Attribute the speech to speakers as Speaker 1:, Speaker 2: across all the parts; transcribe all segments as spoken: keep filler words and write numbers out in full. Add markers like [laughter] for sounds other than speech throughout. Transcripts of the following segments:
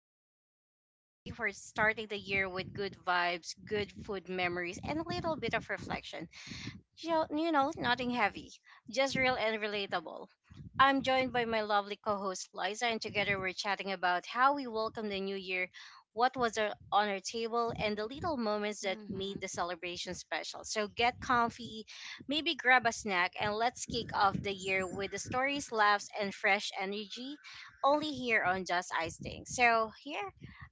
Speaker 1: Ice and to today we're starting the year with good vibes, good food memories and a little bit of reflection. Jo- you know, nothing heavy, just real and relatable. I'm joined by my lovely co host Liza, and together we're chatting about how we welcome the new year, what was our, on our table, and the little moments that made
Speaker 2: Mhm.
Speaker 1: the celebration special. So get comfy, maybe grab a snack, and let's kick off the year with the stories, laughs, and fresh energy only here on Just Ice Thing. So, here,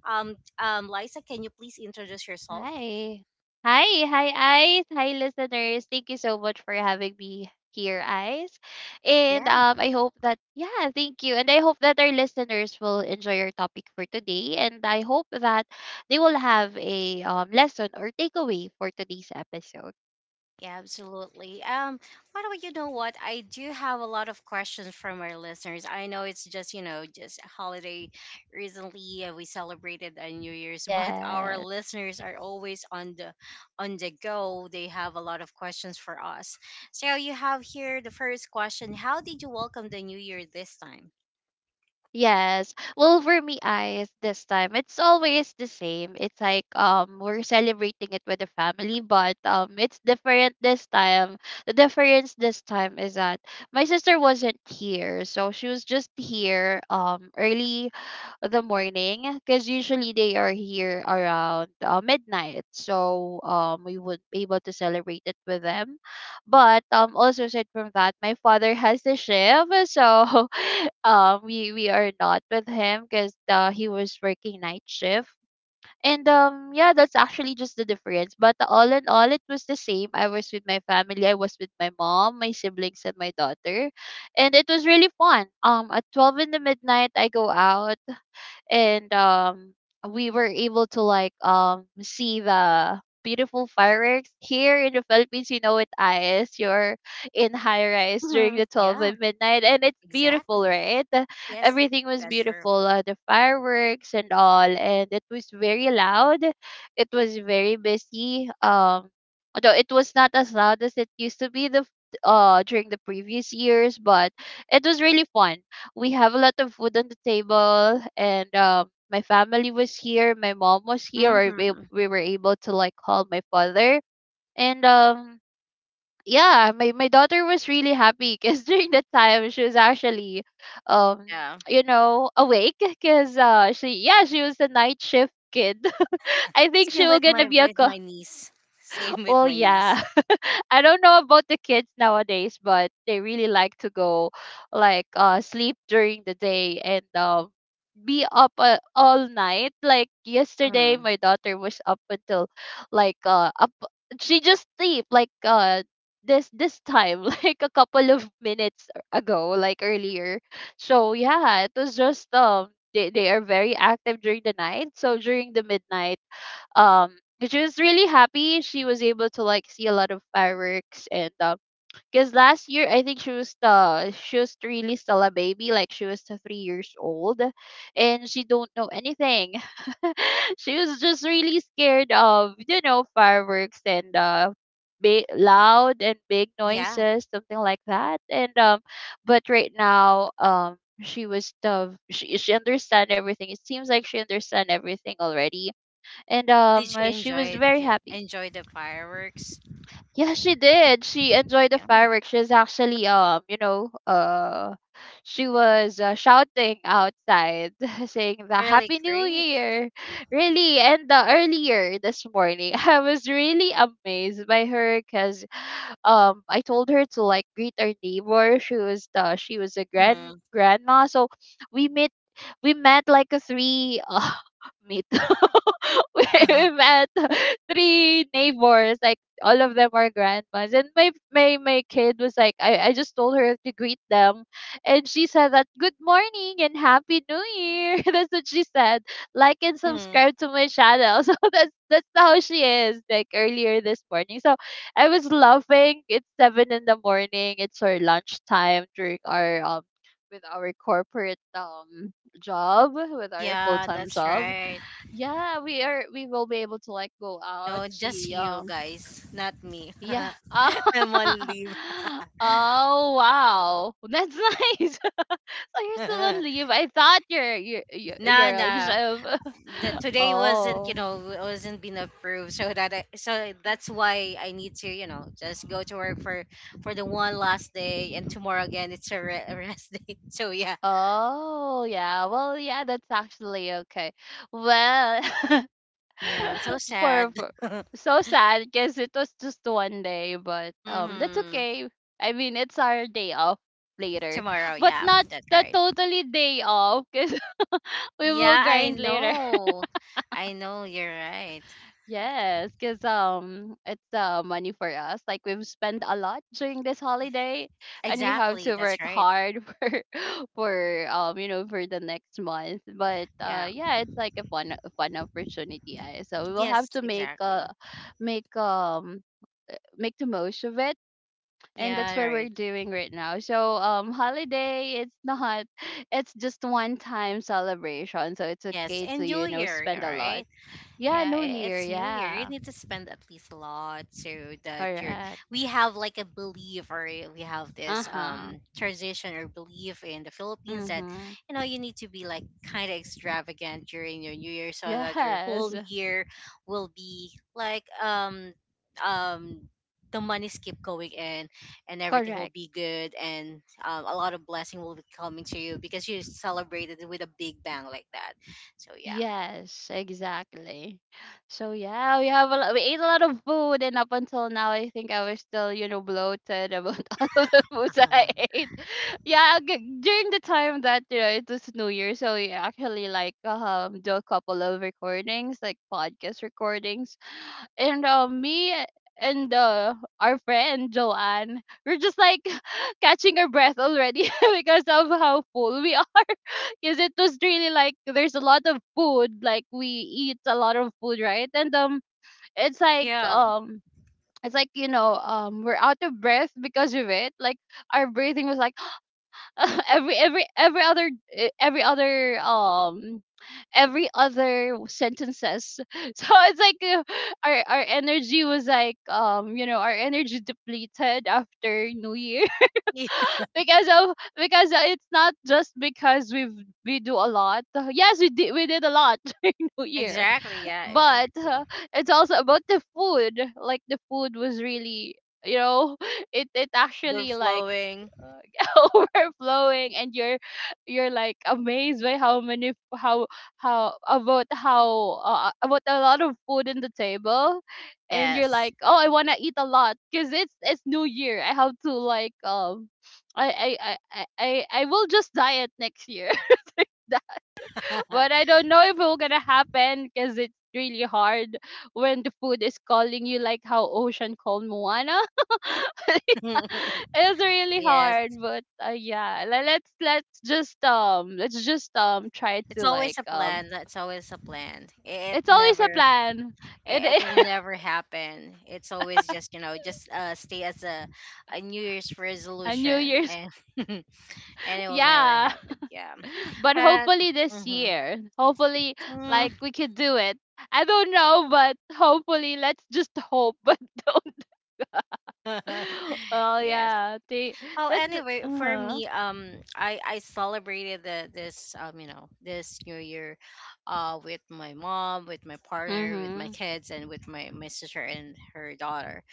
Speaker 1: um, um, Liza, can you please introduce yourself?
Speaker 2: Hi. Hi, hi, Ice. Hi, listeners. Thank you so much for having me here, Ice. And um, I hope that, yeah, thank you. And I hope that our listeners will enjoy our topic for today. And I hope that they will have a um, lesson or takeaway for today's episode.
Speaker 1: Yeah, absolutely. Um, by the way, you know what? I do have a lot of questions from our listeners. I know it's just, you know, just a holiday. Recently, uh, we celebrated a New Year's, [laughs] but our
Speaker 2: Yes.
Speaker 1: listeners are always on the on the go. They have a lot of questions for us. So you have here the first question: how did you welcome the New Year this time?
Speaker 2: Yes. Well, for me, eyes this time it's always the same. It's like um we're celebrating it with the family, but um it's different this time. The difference this time is that my sister wasn't here, so she was just here um early the morning because usually they are here around uh, midnight, so um we would be able to celebrate it with them, but um also aside from that my father has a shift, so [laughs] um we we are not with him because uh, he was working night shift. And um yeah, that's actually just the difference, but all in all it was the same. I was with my family. I was with my mom, my siblings and my daughter, and it was really fun. Um at twelve in the midnight I go out, and um we were able to like um see the beautiful fireworks here in the Philippines. You know it, is you're in high rise during
Speaker 1: Hmm.
Speaker 2: the twelve
Speaker 1: Yeah,
Speaker 2: at midnight, and it's beautiful,
Speaker 1: exactly.
Speaker 2: right? The-
Speaker 1: Yes,
Speaker 2: Everything was
Speaker 1: that's true.
Speaker 2: beautiful, uh, the fireworks and all, and it was very loud. It was very busy. Um, although it was not as loud as it used to be the f- uh during the previous years, but it was really fun. We have a lot of food on the table, and um my family was here, my mom was here, or we,
Speaker 1: Hmm.
Speaker 2: we were able to like call my father. And um yeah, my, my daughter was really happy because [laughs] during that time she was actually um
Speaker 1: Yeah,
Speaker 2: you know awake because uh she, yeah, she was a night shift kid. [laughs] I think she
Speaker 1: same
Speaker 2: was
Speaker 1: with
Speaker 2: gonna
Speaker 1: my
Speaker 2: be a
Speaker 1: with
Speaker 2: co-
Speaker 1: my niece.
Speaker 2: [laughs]
Speaker 1: Same with
Speaker 2: well,
Speaker 1: my niece.
Speaker 2: yeah. [laughs] I don't know about the kids nowadays, but they really like to go like uh sleep during the day and um be up uh, all night. Like yesterday,
Speaker 1: Mm-hmm.
Speaker 2: my daughter was up until like uh up. She just sleep like uh this this time, [laughs] like a couple of minutes ago, like earlier. So yeah, it was just um they they are very active during the night. So during the midnight, um. She was really happy. She was able to like see a lot of fireworks, and um because last year, I think she was the she was really still a baby, like she was uh, three years old, and she don't know anything. [laughs] She was just really scared of, you know, fireworks and uh, big loud and big
Speaker 1: Yeah.
Speaker 2: noises, something like that. And um, but right now, um, she was the she she understand everything. It seems like she understand everything already, and
Speaker 1: Did you
Speaker 2: um, she was
Speaker 1: enjoy
Speaker 2: very
Speaker 1: j-
Speaker 2: happy.
Speaker 1: enjoy the fireworks?
Speaker 2: Yeah, she did. She enjoyed the
Speaker 1: Yeah.
Speaker 2: fireworks. She's actually um, you know, uh she was uh, shouting outside, [laughs] saying the
Speaker 1: Really
Speaker 2: happy new
Speaker 1: great.
Speaker 2: year. Really, and the earlier this morning, [laughs] I was really amazed by her cuz um I told her to like greet our neighbor. She was the she was a grand
Speaker 1: Hmm.
Speaker 2: grandma, so we met we met like a three uh, [laughs] meet. [laughs] We
Speaker 1: [laughs]
Speaker 2: met three neighbors, like all of them are grandmas. And my my my kid was like, I, I just told her to greet them. And she said that good morning and happy new year. [laughs] That's what she said. Like and
Speaker 1: Hmm.
Speaker 2: subscribe to my channel. [laughs] So that's that's how she is, like earlier this morning. So I was laughing. It's seven in the morning. It's our lunchtime during our um with our corporate um job, with our full
Speaker 1: Yeah,
Speaker 2: time
Speaker 1: that's
Speaker 2: job.
Speaker 1: right.
Speaker 2: Yeah, we are we will be able to like go out.
Speaker 1: No, just
Speaker 2: She
Speaker 1: you
Speaker 2: um
Speaker 1: guys, not me.
Speaker 2: yeah.
Speaker 1: [laughs] I'm
Speaker 2: [laughs]
Speaker 1: on leave.
Speaker 2: Oh, wow. That's nice. [laughs] So you're
Speaker 1: [laughs]
Speaker 2: still
Speaker 1: nah,
Speaker 2: on leave. I thought you're you're you're you're on
Speaker 1: nah.
Speaker 2: shift.
Speaker 1: The,
Speaker 2: [laughs]
Speaker 1: today wasn't, you
Speaker 2: Oh.
Speaker 1: know, wasn't been approved. So that, I, so that's why I need to, you know, just go to work for for the one last day, and tomorrow again it's a re- a rest [laughs] day. So yeah,
Speaker 2: Oh yeah. Well yeah, that's actually okay. Well, [laughs]
Speaker 1: yeah. So
Speaker 2: [laughs]
Speaker 1: sad.
Speaker 2: for, for
Speaker 1: [laughs]
Speaker 2: so sad because it was just one day, but um, that's
Speaker 1: Mm-hmm.
Speaker 2: okay. I mean, it's our day off later,
Speaker 1: Tomorrow,
Speaker 2: but
Speaker 1: yeah,
Speaker 2: not
Speaker 1: that's
Speaker 2: the
Speaker 1: right.
Speaker 2: totally day off because [laughs] we will
Speaker 1: Yeah, I
Speaker 2: grind later.
Speaker 1: know. I know you're right.
Speaker 2: Yes, because um it's uh money for us. Like we've spent a lot during this holiday, and we have
Speaker 1: Exactly,
Speaker 2: to work
Speaker 1: that's right.
Speaker 2: hard [laughs] for for um you know for the next month. But uh
Speaker 1: Yeah.
Speaker 2: yeah, it's like a fun a fun opportunity. I so we will have
Speaker 1: Yes,
Speaker 2: to make
Speaker 1: exactly.
Speaker 2: uh make um uh, make the most of it, and that's
Speaker 1: Yeah,
Speaker 2: what we're
Speaker 1: right.
Speaker 2: doing right now. So um holiday, it's not, [laughs] it's just one time celebration, so it's
Speaker 1: Yes,
Speaker 2: okay
Speaker 1: and
Speaker 2: to,
Speaker 1: New
Speaker 2: you know,
Speaker 1: Year, yeah,
Speaker 2: spend a lot.
Speaker 1: right?
Speaker 2: Yeah,
Speaker 1: Yeah,
Speaker 2: new
Speaker 1: i-
Speaker 2: year,
Speaker 1: it's new year. You
Speaker 2: yeah.
Speaker 1: need to spend at least a lot so that you're.
Speaker 2: Correct.
Speaker 1: We have like a belief, or I- We have this
Speaker 2: Uh-huh.
Speaker 1: um tradition or belief in the Philippines that
Speaker 2: Mm-hmm.
Speaker 1: you know you need to be like kind of extravagant during your new year so that your whole
Speaker 2: Yes.
Speaker 1: year will be like um um the money keep going in and everything will
Speaker 2: Correct.
Speaker 1: be good and um, a lot of blessing will be coming to you because you celebrated with a big bang like that. So yeah,
Speaker 2: Yes, exactly. So yeah, we have a lot, we ate a lot of food, and up until now I think I was still, you know, bloated about [laughs] all of the foods that I ate. [laughs] Yeah, g- during the time that, you know, it was New Year, so we actually like um do a couple of recordings, like podcast recordings. And uh, me and uh, our friend Joanne, we're just like [laughs] catching our breath already [laughs] because of how full we are. [laughs] Because it was really like there's a lot of food, like we eat a lot of food, right? And um, it's
Speaker 1: [laughs]
Speaker 2: like
Speaker 1: yeah.
Speaker 2: um. It's like, you know, um, we're out of breath because of it. Like our breathing was like [laughs] [gasps] every every every other eh, every other um every other sentences. [laughs] So it's like uh, our our energy was like um you know our energy depleted after New Year.
Speaker 1: [laughs]
Speaker 2: [laughs] Because of because it's not just because we've we do a lot. [laughs] Yes, we did we did a lot [laughs] during New Year,
Speaker 1: Exactly. Yeah,
Speaker 2: but
Speaker 1: exactly.
Speaker 2: uh, it's also about the food. Like the food was really, you know, [laughs] it it
Speaker 1: We're
Speaker 2: actually like
Speaker 1: flowing.
Speaker 2: uh, [laughs] overflowing, and you're you're like amazed by how many how how about how uh, about a lot of food in the table, and you're
Speaker 1: Yes.
Speaker 2: like oh I want to eat a lot because it's it's new year. I have to like um I, I i i i I will just diet next year. [laughs] But
Speaker 1: [laughs]
Speaker 2: I don't know if it will gonna happen because it's really hard when the food is calling you like how ocean called moana. [laughs] [laughs] It's really
Speaker 1: Yes.
Speaker 2: hard, but uh, yeah, le- let's let's just um let's just um try
Speaker 1: It's
Speaker 2: to like
Speaker 1: always a
Speaker 2: um
Speaker 1: plan. That's always a plan. It
Speaker 2: it's always a
Speaker 1: never,
Speaker 2: plan. It
Speaker 1: it will
Speaker 2: is. [laughs]
Speaker 1: never happen. It's always just, you know, just uh, stay as a, a New Year's
Speaker 2: A new
Speaker 1: resolution
Speaker 2: year's.
Speaker 1: and [laughs] and
Speaker 2: [laughs]
Speaker 1: it will never
Speaker 2: Yeah,
Speaker 1: happen. Yeah.
Speaker 2: but
Speaker 1: But,
Speaker 2: hopefully this year, hopefully like
Speaker 1: mm-hmm.
Speaker 2: we could do it. I don't know, but hopefully let's just hope. [laughs] But don't.
Speaker 1: [laughs]
Speaker 2: [laughs] Oh
Speaker 1: Yes.
Speaker 2: yeah, they
Speaker 1: Well,
Speaker 2: that.
Speaker 1: anyway, for
Speaker 2: Uh-huh.
Speaker 1: me, um, I I celebrated the, this um you know this New Year, uh, with my mom, with my partner, with my
Speaker 2: Mm-hmm.
Speaker 1: kids, and with my my sister and her daughter.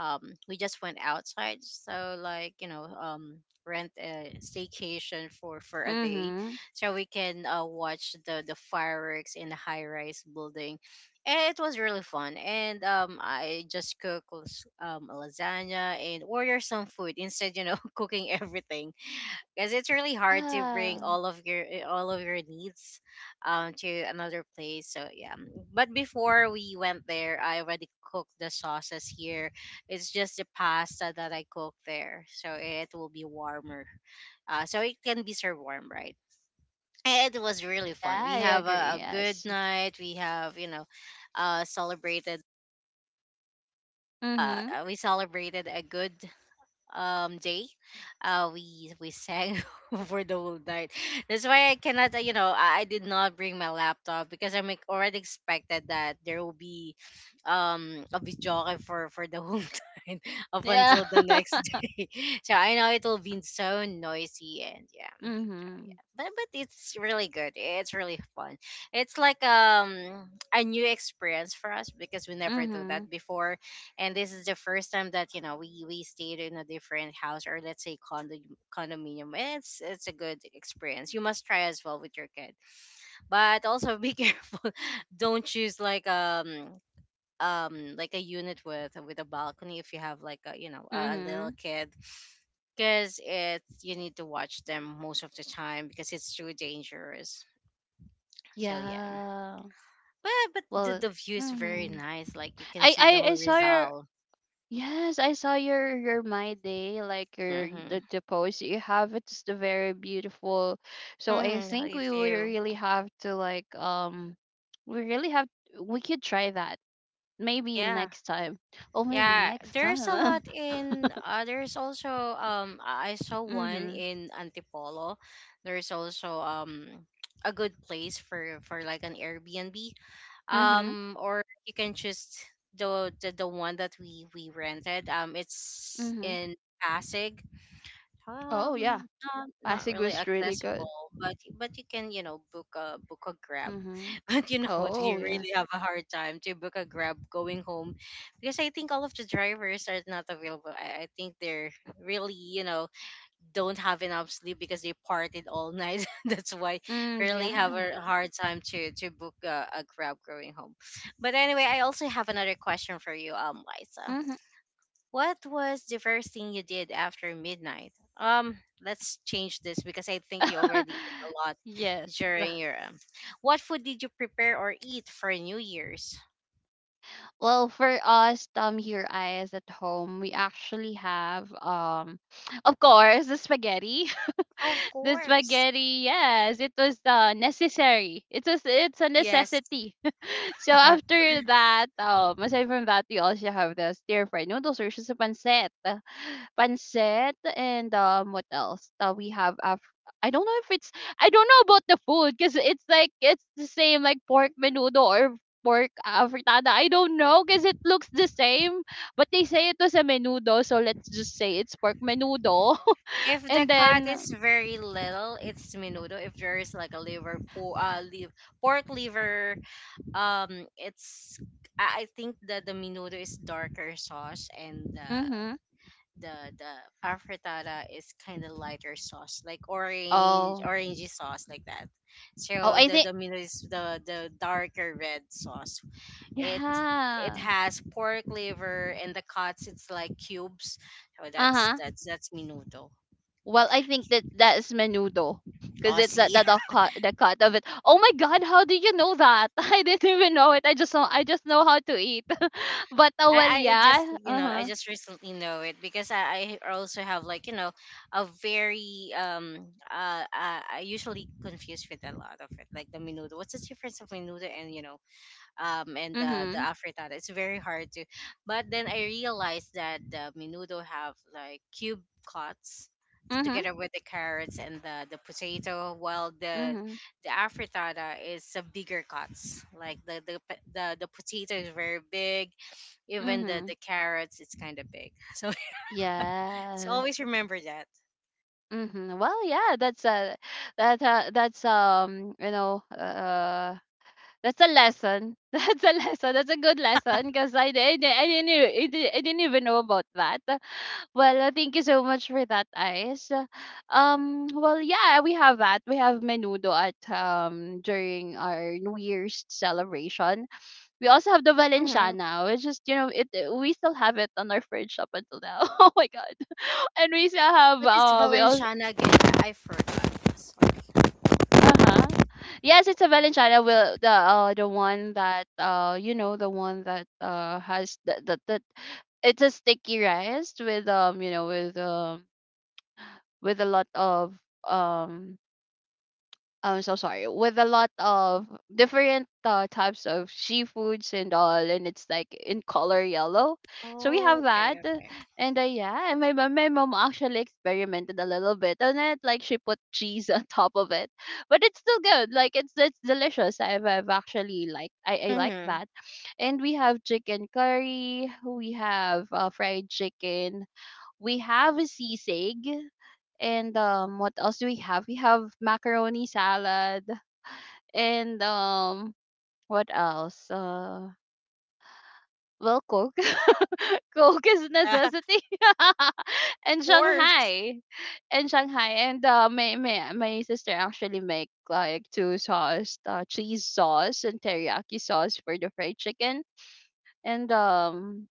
Speaker 1: Um, we just went outside, so like you know um rent a staycation for for a day,
Speaker 2: Mm-hmm.
Speaker 1: so we can uh watch the the fireworks in the high rise building. Eh, It was really fun, and um, I just cooked las- um lasagna and order some food instead, you know, [laughs] cooking everything because it's really hard to bring
Speaker 2: Yeah.
Speaker 1: all of your eh, all of your needs, um, to another place. So yeah, but before we went there, I already cooked the sauces here. It's just the pasta that I cooked there, so it will be warmer. Uh, so it can be served warm, right? It was really fun.
Speaker 2: Yeah,
Speaker 1: We
Speaker 2: I
Speaker 1: have a,
Speaker 2: agree.
Speaker 1: a good
Speaker 2: Yes.
Speaker 1: night. We have you know, uh, celebrated. Uh,
Speaker 2: Mm-hmm.
Speaker 1: uh, we celebrated a good um day. Uh, we we sang [laughs] for the whole night. That's why I cannot. Uh, You know, I, I did not bring my laptop because I'm like, already expected that there will be um a video for for the whole [laughs] time up
Speaker 2: Yeah.
Speaker 1: until the
Speaker 2: [laughs]
Speaker 1: next day. [laughs] So I know it will be so noisy and yeah. Oh, yeah.
Speaker 2: Mhm.
Speaker 1: but but it's really good. It's really fun. It's like um a new experience for us because we never do
Speaker 2: Mhm.
Speaker 1: that before, and this is the first time that you know we we stayed in a different house or let's say condo condominium. It's it's a good experience. You must try as well with your kid, but also be [laughs] careful. Don't choose like um um like a unit with with a balcony if you have like a you know a, a little
Speaker 2: Mhm.
Speaker 1: kid because it you need to watch them most of the time because it's too dangerous. So yeah,
Speaker 2: Yeah.
Speaker 1: but but the,
Speaker 2: Well,
Speaker 1: the view is very
Speaker 2: mhm.
Speaker 1: nice, like you can
Speaker 2: I
Speaker 1: see the
Speaker 2: I I
Speaker 1: whole
Speaker 2: saw your.
Speaker 1: result.
Speaker 2: Yes, I saw your your my day like your
Speaker 1: Mm-hmm.
Speaker 2: the, the post you have. It's the very beautiful. So I
Speaker 1: Mm-hmm.
Speaker 2: think we
Speaker 1: if
Speaker 2: will
Speaker 1: you
Speaker 2: really have to like um we really have we could try that maybe
Speaker 1: yeah.
Speaker 2: next time. Oh, maybe
Speaker 1: Yeah,
Speaker 2: next
Speaker 1: there's a
Speaker 2: time.
Speaker 1: lot
Speaker 2: [laughs]
Speaker 1: in uh, there's also um i I saw one
Speaker 2: Mhm.
Speaker 1: in Antipolo. There's also um a good place for for like an Airbnb,
Speaker 2: Mhm.
Speaker 1: um, or you can just the the, the one that we we rented um it's
Speaker 2: Mhm.
Speaker 1: in Pasig,
Speaker 2: Oh yeah,
Speaker 1: um, not not
Speaker 2: Pasig
Speaker 1: really
Speaker 2: was really good.
Speaker 1: accessible, but but you can you know book a book a grab.
Speaker 2: Mhm.
Speaker 1: [laughs] But you know what, we
Speaker 2: Oh yeah.
Speaker 1: really have a hard time to book a grab going home because I think all of the drivers are not available. I, I think they're really you know don't have enough sleep because they partied all night. [laughs] That's why
Speaker 2: Mm,
Speaker 1: really have
Speaker 2: yeah.
Speaker 1: a hard time to to book a, a grab going home. But anyway, I also have another question for you, um, Liza.
Speaker 2: Mhm.
Speaker 1: What was the first thing you did after midnight? Um, let's change this because I think you already ate a
Speaker 2: [laughs]
Speaker 1: lot
Speaker 2: Yes.
Speaker 1: during your. Um, what food did you prepare or eat for New Year's?
Speaker 2: Well, for us, um, here eyes at home, we actually have um, [sniffs] of course, the spaghetti. [laughs]
Speaker 1: Of
Speaker 2: The
Speaker 1: course.
Speaker 2: spaghetti, yes, it was uh, necessary. It was it's a
Speaker 1: Yes.
Speaker 2: necessity. So
Speaker 1: [laughs]
Speaker 2: after that, um, aside from that, we also have the stir fried noodles or just a pancit, pancit. And um, what else? Uh, we have af- I don't know if it's I don't know about the food because it's like it's the same, like pork menudo or pork uh, fritada. I don't know because it looks the same, but they say it was a menudo, so let's just say it's pork menudo.
Speaker 1: If
Speaker 2: [laughs]
Speaker 1: the
Speaker 2: And
Speaker 1: cut
Speaker 2: then,
Speaker 1: is very little, it's menudo. If there is like a liver, po- uh, liv- pork liver, um, it's I I think that the menudo is darker sauce and the
Speaker 2: mm-hmm.
Speaker 1: the the afritada is kind of lighter sauce, like orange
Speaker 2: Oh,
Speaker 1: orangey sauce like that.
Speaker 2: oh,
Speaker 1: So
Speaker 2: I
Speaker 1: the
Speaker 2: think
Speaker 1: the menudo is the the darker red sauce. It it
Speaker 2: yeah,
Speaker 1: has pork liver and the cuts. It's like cubes. So
Speaker 2: uh
Speaker 1: that's
Speaker 2: huh.
Speaker 1: that's that's menudo.
Speaker 2: Well, I think that that is menudo because it's that
Speaker 1: Aussie.
Speaker 2: the, the cut the cut of it. Oh my god, how do you know that? [laughs] I didn't even know it. I just know I just know how to eat. [laughs] But uh, well,
Speaker 1: I, I just
Speaker 2: yeah.
Speaker 1: you
Speaker 2: Uh
Speaker 1: know I
Speaker 2: huh.
Speaker 1: just recently know it because I, I also have like you know a very um uh, uh I usually confuse with a lot of it, like the menudo, what's the difference of menudo and you know um and the the
Speaker 2: Mhm.
Speaker 1: afritada, it's very hard to, but then I realized that the menudo have like cube cuts
Speaker 2: Mhm.
Speaker 1: together with the carrots and the the potato, while the
Speaker 2: Mhm.
Speaker 1: the afritada is a bigger cuts, like the the the, the potato is very big, even the
Speaker 2: Mhm.
Speaker 1: the carrots, it's kind of big. [laughs] So so
Speaker 2: Yes.
Speaker 1: always remember that.
Speaker 2: Mhm. Well, yeah. That's a that uh, that's um you know uh that's a lesson. [laughs] That's a lesson. That's a good lesson because I, didn't I di- I didn't e- I did I didn't even know about that. Well, uh, thank you so much for that, Ice. Uh, Um, well, yeah, we have that. We have menudo at um during our New Year's celebration. We also have the
Speaker 1: Mm-hmm.
Speaker 2: Valenciana, which is you know it. uh, We still have it on our fridge up until now. [laughs] Oh my god! [laughs] And we still have
Speaker 1: What is
Speaker 2: uh we also
Speaker 1: Valenciana again? I forgot. It's like,
Speaker 2: uh huh. Yes, it's a Valenciana. Will the uh the one that uh you know the one that uh has the the, the it's a sticky rice with um you know with um with a lot of um I'm so sorry with a lot of different uh, types of seafoods and all, and it's like in color yellow, so we
Speaker 1: oh,
Speaker 2: have
Speaker 1: okay,
Speaker 2: that.
Speaker 1: okay.
Speaker 2: And uh, yeah and my, mom- my mom actually experimented a little bit on it, like she put cheese [laughs] on top of it, but it's still good. Like it's it's delicious. I've, I've actually, like I, I like
Speaker 1: Mm-hmm.
Speaker 2: that. And we have chicken curry, we have uh, fried chicken, we have a sisig, and um, what else do we have? We have macaroni salad. And um, what else? Uh, well, Coke. [laughs] Coke is a
Speaker 1: [laughs] Of
Speaker 2: necessity. [laughs] And
Speaker 1: course.
Speaker 2: Shanghai. And Shanghai. And uh, my, my, my sister actually make like two sauce, uh, cheese sauce and teriyaki sauce for the fried chicken. And um,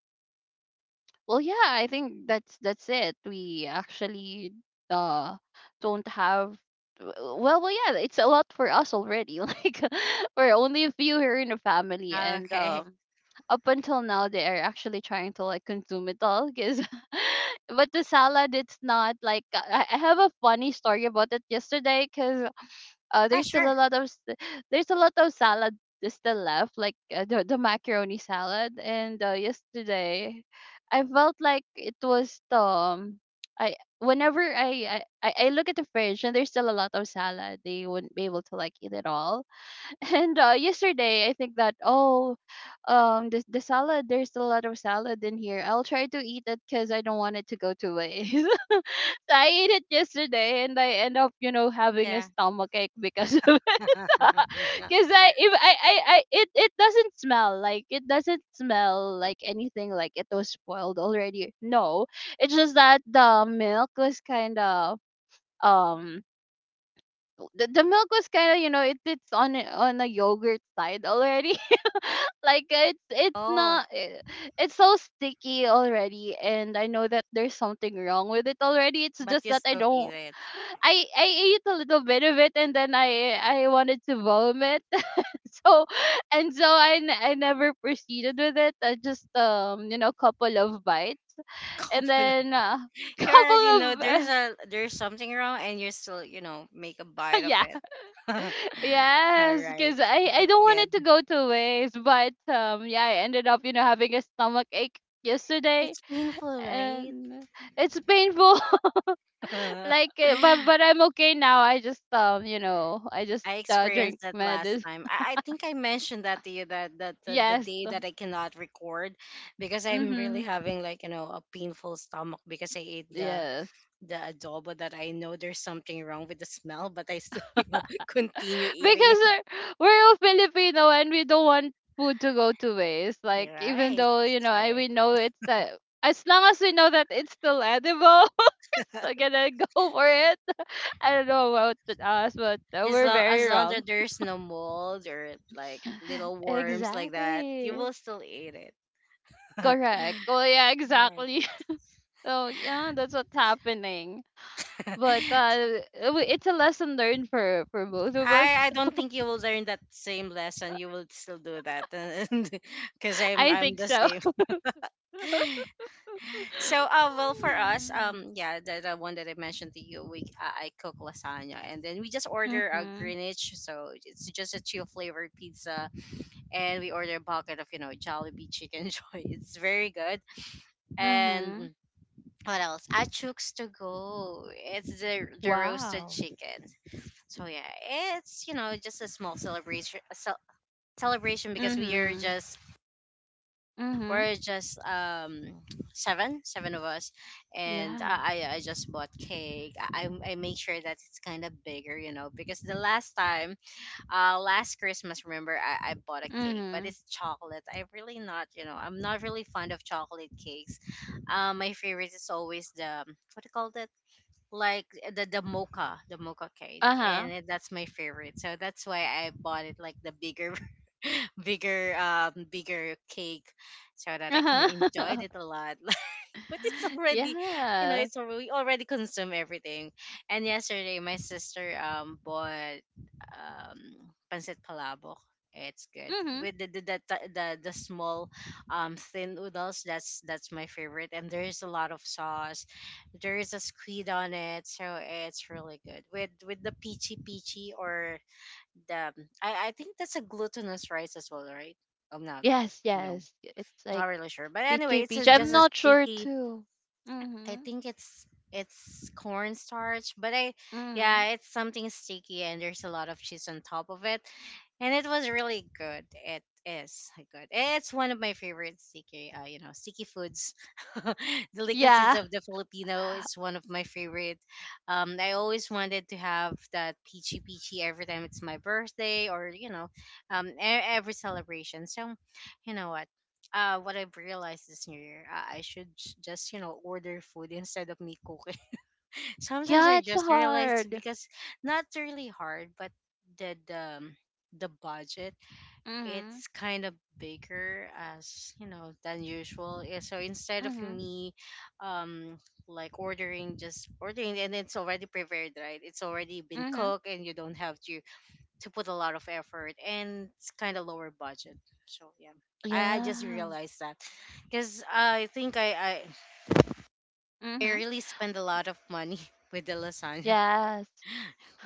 Speaker 2: Well, yeah, I think that's that's it. We actually uh don't have w- well, well, yeah, it's a lot for us already. [laughs] Like we're only a few here in the family, and
Speaker 1: Okay.
Speaker 2: um, up until now, they are actually trying to like consume it all. Cause, [laughs] but the salad, it's not like I, I have a funny story about it yesterday. Cause uh,
Speaker 1: Ah,
Speaker 2: there's still
Speaker 1: sure.
Speaker 2: a lot of s- there's a lot of salad that's still left, like uh, the the macaroni salad. And uh, yesterday, I felt like it was the um, I, whenever I, I I I look at the fridge and there's still a lot of salad, they wouldn't be able to like eat it all. And uh, yesterday, I think that, oh, um, the the salad. There's a lot of salad in here. I'll try to eat it because I don't want it to go to waste. [laughs] So I ate it yesterday, and I end up, you know, having a
Speaker 1: Yeah.
Speaker 2: stomach ache because of it. [laughs] Because
Speaker 1: [laughs]
Speaker 2: I if I, I I it it doesn't smell, like it doesn't smell like anything, like it was spoiled already. No, it's just that the milk was kind of um the, the milk was kind of, you know, it, it's on a- on a yogurt side already. [laughs] Like it's it's
Speaker 1: Oh,
Speaker 2: not, eh, it's so sticky already, and I know that there's something wrong with it already. It's
Speaker 1: but
Speaker 2: just
Speaker 1: you
Speaker 2: that I
Speaker 1: still eat
Speaker 2: don't,
Speaker 1: it.
Speaker 2: i i ate a little bit of it, and then i i wanted to vomit. [laughs] So and so i n- I never proceeded with it. I just um you know, couple of bites
Speaker 1: [laughs]
Speaker 2: and
Speaker 1: Couple of—
Speaker 2: then uh, [laughs]
Speaker 1: you
Speaker 2: couple
Speaker 1: already know there's
Speaker 2: of
Speaker 1: a there's something wrong, and you still you know make a bite of
Speaker 2: [laughs] yeah.
Speaker 1: it. [laughs] All
Speaker 2: Yes,
Speaker 1: right,
Speaker 2: because I, I
Speaker 1: that's
Speaker 2: don't want
Speaker 1: good.
Speaker 2: it to go to waste. But um, yeah, I ended up, you know, having a stomach ache yesterday,
Speaker 1: It's painful, right?
Speaker 2: and it's painful.
Speaker 1: [laughs]
Speaker 2: [laughs]
Speaker 1: All
Speaker 2: Like, uh, but but I'm okay now. I just um, you know, I just
Speaker 1: I
Speaker 2: uh, drink
Speaker 1: experienced that last
Speaker 2: medicine.
Speaker 1: time. I, I think I mentioned that to you that that the, the
Speaker 2: Yes.
Speaker 1: day that I cannot record because I'm
Speaker 2: Mm-hmm.
Speaker 1: really having like you know a painful stomach because I ate the
Speaker 2: Yes.
Speaker 1: the adobo that I know there's something wrong with the smell, but I still [laughs] you know
Speaker 2: [laughs]
Speaker 1: continue eating
Speaker 2: Because
Speaker 1: it.
Speaker 2: we're, we're all Filipino and we don't want food to go to waste. Like,
Speaker 1: You're
Speaker 2: even
Speaker 1: right,
Speaker 2: though, you
Speaker 1: that's
Speaker 2: know, I
Speaker 1: right.
Speaker 2: we know it's uh, as long as we know that it's still edible, [laughs] we're gonna go for it. I don't know about th- us, but uh,
Speaker 1: As
Speaker 2: we're
Speaker 1: long as
Speaker 2: very
Speaker 1: long
Speaker 2: wrong.
Speaker 1: that there's no mold or like little
Speaker 2: [laughs]
Speaker 1: worms like that, you
Speaker 2: Exactly.
Speaker 1: will still eat it. [laughs]
Speaker 2: Correct. Well, yeah,
Speaker 1: Right.
Speaker 2: exactly. [laughs] So yeah, that's what's happening. But uh,
Speaker 1: [laughs]
Speaker 2: w- it's a lesson learned for for both of us.
Speaker 1: I I don't think you will learn that same lesson. You will still do that, [laughs] because
Speaker 2: [laughs]
Speaker 1: I'm
Speaker 2: I
Speaker 1: I'm
Speaker 2: think
Speaker 1: the
Speaker 2: so.
Speaker 1: same.
Speaker 2: [laughs]
Speaker 1: [laughs] So uh, well for us,
Speaker 2: Mm.
Speaker 1: um, yeah, the, the one that I mentioned to you we uh, I cook lasagna and then we just order a
Speaker 2: Mhm.
Speaker 1: Greenwich, so it's just a chill flavored pizza, and we order a bucket of you know Jollibee chicken [laughs] joy. It's very good and.
Speaker 2: Mhm.
Speaker 1: What else? Achooks to go. It's the the roasted
Speaker 2: Wow.
Speaker 1: chicken. So yeah, it's you know just a small celebration celebration because we are
Speaker 2: Mhm.
Speaker 1: just
Speaker 2: Mhm.
Speaker 1: we're just um seven seven of us, and
Speaker 2: Yeah.
Speaker 1: i i I just bought cake. I i I make sure that it's kind of bigger you know because the last time, uh, last Christmas, remember, i i bought a cake but
Speaker 2: Mhm.
Speaker 1: it's chocolate. I'm really not you know I'm not really fond of chocolate cakes. Uh, my favorite is always the what do you call that, like eh, the the mocha, the mocha cake,
Speaker 2: Uh huh.
Speaker 1: and that's my favorite. So that's why I bought it like the bigger, [laughs] bigger, um, bigger cake, so that I
Speaker 2: Uh
Speaker 1: can enjoy
Speaker 2: huh.
Speaker 1: it a lot. [laughs] But it's [laughs]
Speaker 2: [laughs]
Speaker 1: already, you know,
Speaker 2: Yeah.
Speaker 1: it's alre- we already consume everything. And yesterday my sister um bought um pancit palabok. It's good
Speaker 2: Mhm.
Speaker 1: with the the, the the the the small um thin noodles. That's that's my favorite, and there's a lot of sauce. There is a squid on it, so it's really good with with the peachy peachy, or the— i i think that's a glutinous rice as well, right? I'm not—
Speaker 2: Yes,
Speaker 1: no,
Speaker 2: yes. It's
Speaker 1: not
Speaker 2: like
Speaker 1: really sure, but anyway,
Speaker 2: peachy
Speaker 1: it's a—
Speaker 2: peachy. I'm
Speaker 1: just a
Speaker 2: not sure
Speaker 1: sticky—
Speaker 2: too.
Speaker 1: I
Speaker 2: Mm-hmm.
Speaker 1: think it's— it's cornstarch, but I—
Speaker 2: Mm-hmm.
Speaker 1: yeah, it's something sticky, and there's a lot of cheese on top of it, and it was really good. It is good. It's one of my favorite sticky, uh, you know, sticky foods, [laughs] delicacies
Speaker 2: Yeah.
Speaker 1: of the Filipino.
Speaker 2: [laughs]
Speaker 1: It's one of my favorite. Um, I always wanted to have that peachy peachy every time it's my birthday, or you know, um, e- every celebration. So, you know what? Uh, what I've realized this new year, uh, I should j- just, you know, order food instead of me cooking. Sometimes
Speaker 2: Yeah,
Speaker 1: I
Speaker 2: it's
Speaker 1: just realize,
Speaker 2: hard.
Speaker 1: because— not really hard, but the the um, the budget,
Speaker 2: Mm-hmm.
Speaker 1: it's kind of bigger, as you know, than usual. Yeah. So instead of
Speaker 2: Mm-hmm.
Speaker 1: me, um, like ordering— just ordering, and it's already prepared, right? It's already been
Speaker 2: Mm-hmm.
Speaker 1: cooked, and you don't have to— to put a lot of effort, and it's kind of lower budget. So yeah. I I just
Speaker 2: Yeah.
Speaker 1: realized that, because I think I, I I
Speaker 2: Mm-hmm.
Speaker 1: really spend a lot of money [laughs] with the lasagna.
Speaker 2: Yes.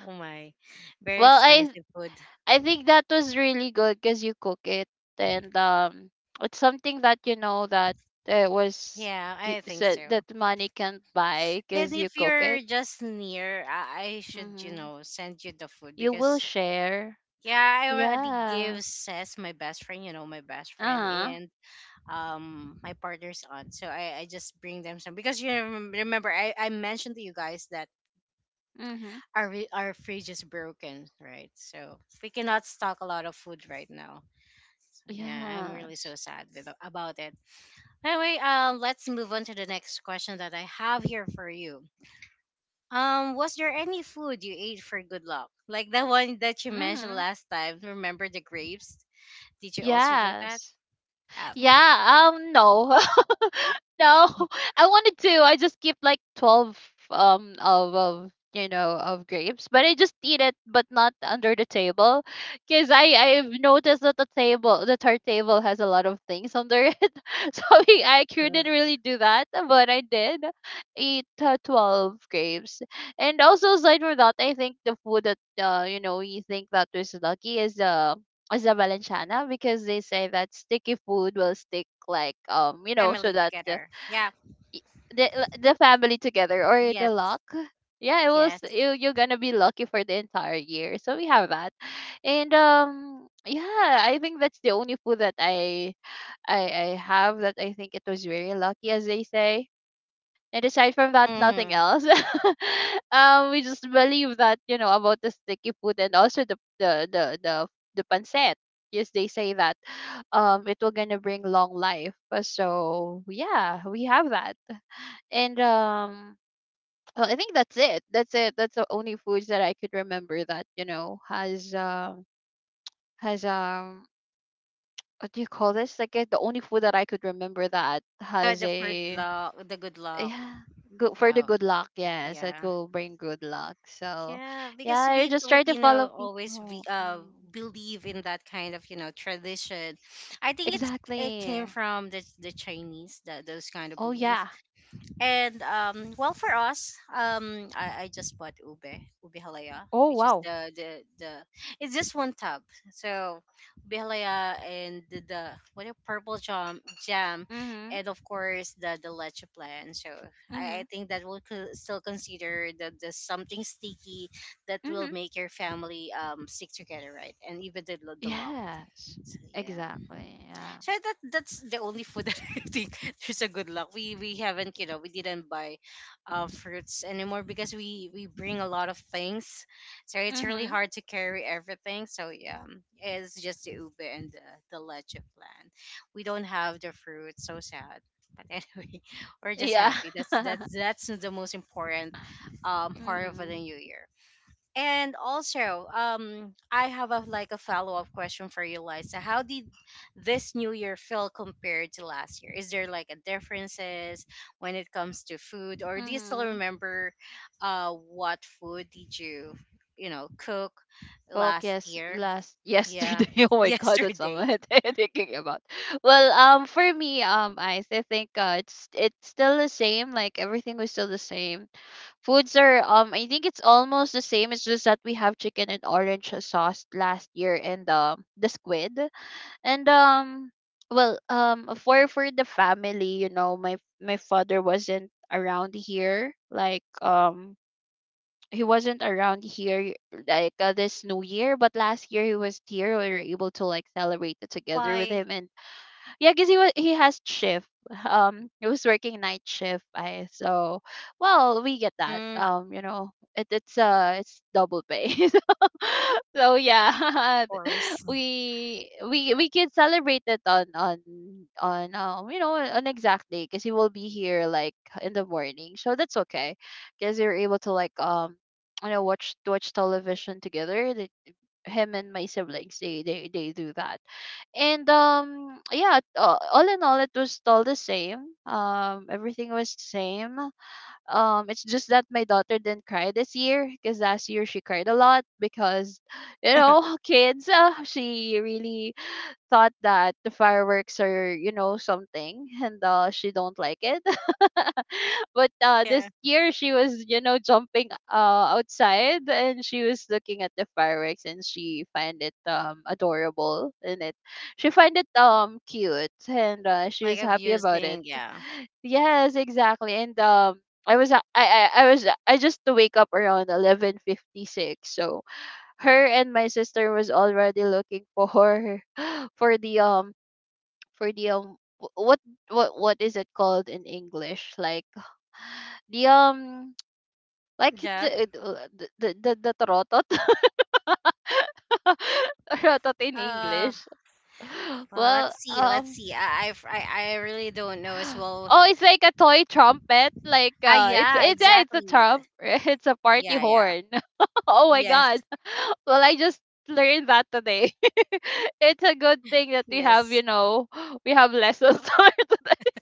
Speaker 1: Oh my, very
Speaker 2: Well, I
Speaker 1: expensive food.
Speaker 2: I think that was really good because you cook it, and um it's something that, you know, that it was
Speaker 1: Yeah,
Speaker 2: y-
Speaker 1: I think
Speaker 2: said
Speaker 1: so.
Speaker 2: that money can't buy
Speaker 1: And
Speaker 2: because you
Speaker 1: if
Speaker 2: cook
Speaker 1: you're
Speaker 2: it.
Speaker 1: just near, I, I should, you
Speaker 2: Mm-hmm.
Speaker 1: know, send you the food,
Speaker 2: You will
Speaker 1: because
Speaker 2: share.
Speaker 1: yeah, I already
Speaker 2: Yeah.
Speaker 1: gave Sess, my best friend, you know, my best friend,
Speaker 2: Uh-huh.
Speaker 1: and um my partner's aunt. So I, I just bring them some, because you remem- remember I, I mentioned to you guys that
Speaker 2: Mhm.
Speaker 1: our re- our fridge is broken, right? So we cannot stock a lot of food right now. Yeah, I'm really
Speaker 2: Yes.
Speaker 1: so sad with— about it. Anyway, um, let's move on to the next question that I have here for you. Um, was there any food you ate for good luck? Like the one that you mentioned
Speaker 2: Mhm.
Speaker 1: last time. Remember the grapes? Did you also do that?
Speaker 2: Yes.
Speaker 1: Uh,
Speaker 2: Yeah, um no. [laughs] No. [laughs] I wanted to. I just keep like twelve um of of you know, of grapes, but I just eat it, but not under the table because I I've noticed that the table that our table has a lot of things under it. [laughs] So we, I
Speaker 1: uh,
Speaker 2: couldn't really do that, but I did eat uh, twelve grapes. And also aside from that, I think the food that, uh you know, we think that was lucky is uh as a Valenciana, because they say that sticky food will stick, like, um you know, so
Speaker 1: family
Speaker 2: that the
Speaker 1: together. Yeah.
Speaker 2: y- the, uh, the family together, or the
Speaker 1: Yes.
Speaker 2: luck. Yeah, it was,
Speaker 1: Yes.
Speaker 2: you, you're gonna be lucky for the entire year, so we have that. And um yeah, I think that's the only food that i i i have that I think it was very lucky, as they say. And aside from that, nothing
Speaker 1: Mm.
Speaker 2: else. [laughs] um, we just believe that, you know, about the sticky food, and also the the the the the pancit. Yes, they say that um it will gonna bring long life. Uh, So yeah, we have that. And um, well, I think that's it. That's it. That's the only foods that I could remember that, you know, has um has um what do you call this? Like, uh, the only food that I could remember that
Speaker 1: The,
Speaker 2: has
Speaker 1: the for
Speaker 2: a,
Speaker 1: luck, the good luck.
Speaker 2: yeah, good for the
Speaker 1: Oh,
Speaker 2: good luck. Yes, that
Speaker 1: yeah.
Speaker 2: will bring good luck. So
Speaker 1: Yeah, because
Speaker 2: yeah, you
Speaker 1: we
Speaker 2: just try to follow
Speaker 1: Filipino always be,
Speaker 2: people.
Speaker 1: uh,
Speaker 2: Mm.
Speaker 1: believe in that kind of, you know, tradition. I think it's— it came
Speaker 2: Exactly.
Speaker 1: from the the Chinese, that those kind of
Speaker 2: Oh
Speaker 1: belief,
Speaker 2: yeah.
Speaker 1: and um, well, for us, um, I, I just bought ube, ube halaya,
Speaker 2: Oh,
Speaker 1: which is
Speaker 2: wow.
Speaker 1: the, the the it's just one tub. So ube halaya and the, the what, a purple jam jam,
Speaker 2: Mm-hmm.
Speaker 1: and of course the the leche plan. So I, I
Speaker 2: Mm-hmm.
Speaker 1: think that will co- still consider the the something sticky that will
Speaker 2: Mm-hmm.
Speaker 1: make your family um stick together, right? And even the the lock.
Speaker 2: Yes,
Speaker 1: So yeah.
Speaker 2: exactly, yeah.
Speaker 1: So that that's the only food [laughs] that I think there's a good luck. We we haven't, you know, we didn't buy uh, fruits anymore, because we we bring a lot of things, so it's really
Speaker 2: Mm-hmm.
Speaker 1: hard to carry everything. So yeah, um, it's just the ube and the the leche plant. We don't have the fruit. So sad. But anyway, [laughs] we're just
Speaker 2: Yeah.
Speaker 1: happy. That's
Speaker 2: [laughs]
Speaker 1: that's that's the most important um part of the
Speaker 2: Mm-hmm.
Speaker 1: new year. And also, um, I have a like a follow up question for you, Liza. How did this new year feel compared to last year? Is there like a differences when it comes to food, or do you still
Speaker 2: Mm-hmm.
Speaker 1: remember, uh, what food did you, you know, cook
Speaker 2: Coke,
Speaker 1: last
Speaker 2: yes,
Speaker 1: year?
Speaker 2: last
Speaker 1: Yeah,
Speaker 2: yesterday. [laughs] Oh
Speaker 1: [laughs]
Speaker 2: my god, what's am
Speaker 1: yesterday.
Speaker 2: I [laughs] thinking about? Well, um, for me, um, I I think uh, it's it's still the same. Like, everything was still the same. Foods are, um, I think it's almost the same. It's just that we have chicken and orange sauce last year, and um, the squid, and um, well, um, for for the family, you know, my my father wasn't around here. Like, um, he wasn't around here, like uh, this new year. But last year he was here, we were able to like celebrate it together with
Speaker 1: Why?
Speaker 2: him. And yeah, because he was, he has shift. Um, he was working night shift. I so, well, we get that.
Speaker 1: Mm, of
Speaker 2: Um, you know, it, it's uh it's double pay. [laughs] So, so yeah, [laughs]
Speaker 1: course.
Speaker 2: we we we can celebrate it on on on um you know, on exact day, because he will be here like in the morning. So that's okay, because you're able to like um you know, watch watch television together, him and my siblings. They they they do that. And um yeah, uh, all in all, it was all the same, um everything was the same. um it's just that my daughter didn't cry this year, because last year she cried a lot, because, you know,
Speaker 1: [laughs]
Speaker 2: [laughs] kids, uh, she really thought that the fireworks are, you know, something, and uh she don't like it. [laughs] But uh this
Speaker 1: Yeah,
Speaker 2: year she was, you know, jumping uh outside, and she was looking at the fireworks, and she find it um adorable. And it she find it um cute, and uh, she
Speaker 1: like
Speaker 2: was happy about it.
Speaker 1: abusing. Yeah.
Speaker 2: Yes, exactly. And um I was I, I I was I just to wake up around eleven fifty six. So her and my sister was already looking for [laughs] for the um for the um wh- what what what is it called in English? Like, the um like
Speaker 1: Duh.
Speaker 2: the uh, the the, the, the tarotot. [laughs] Tarotot in
Speaker 1: Uh,
Speaker 2: English. [laughs]
Speaker 1: well, let's
Speaker 2: Well,
Speaker 1: see. Let's
Speaker 2: um
Speaker 1: see. I, I, I I really don't know as
Speaker 2: [sighs]
Speaker 1: well.
Speaker 2: oh, it's like a toy trumpet. Like
Speaker 1: Ah,
Speaker 2: uh, it's
Speaker 1: yeah,
Speaker 2: it's yeah, it's a
Speaker 1: exactly.
Speaker 2: trump. [laughs] It's a party
Speaker 1: Yeah, yeah.
Speaker 2: horn. [laughs] Oh my
Speaker 1: Yes,
Speaker 2: god. [laughs] Well, I just learned that today. [laughs] It's a good thing that we have,
Speaker 1: yes.
Speaker 2: you know, we have lessons [laughs] for today.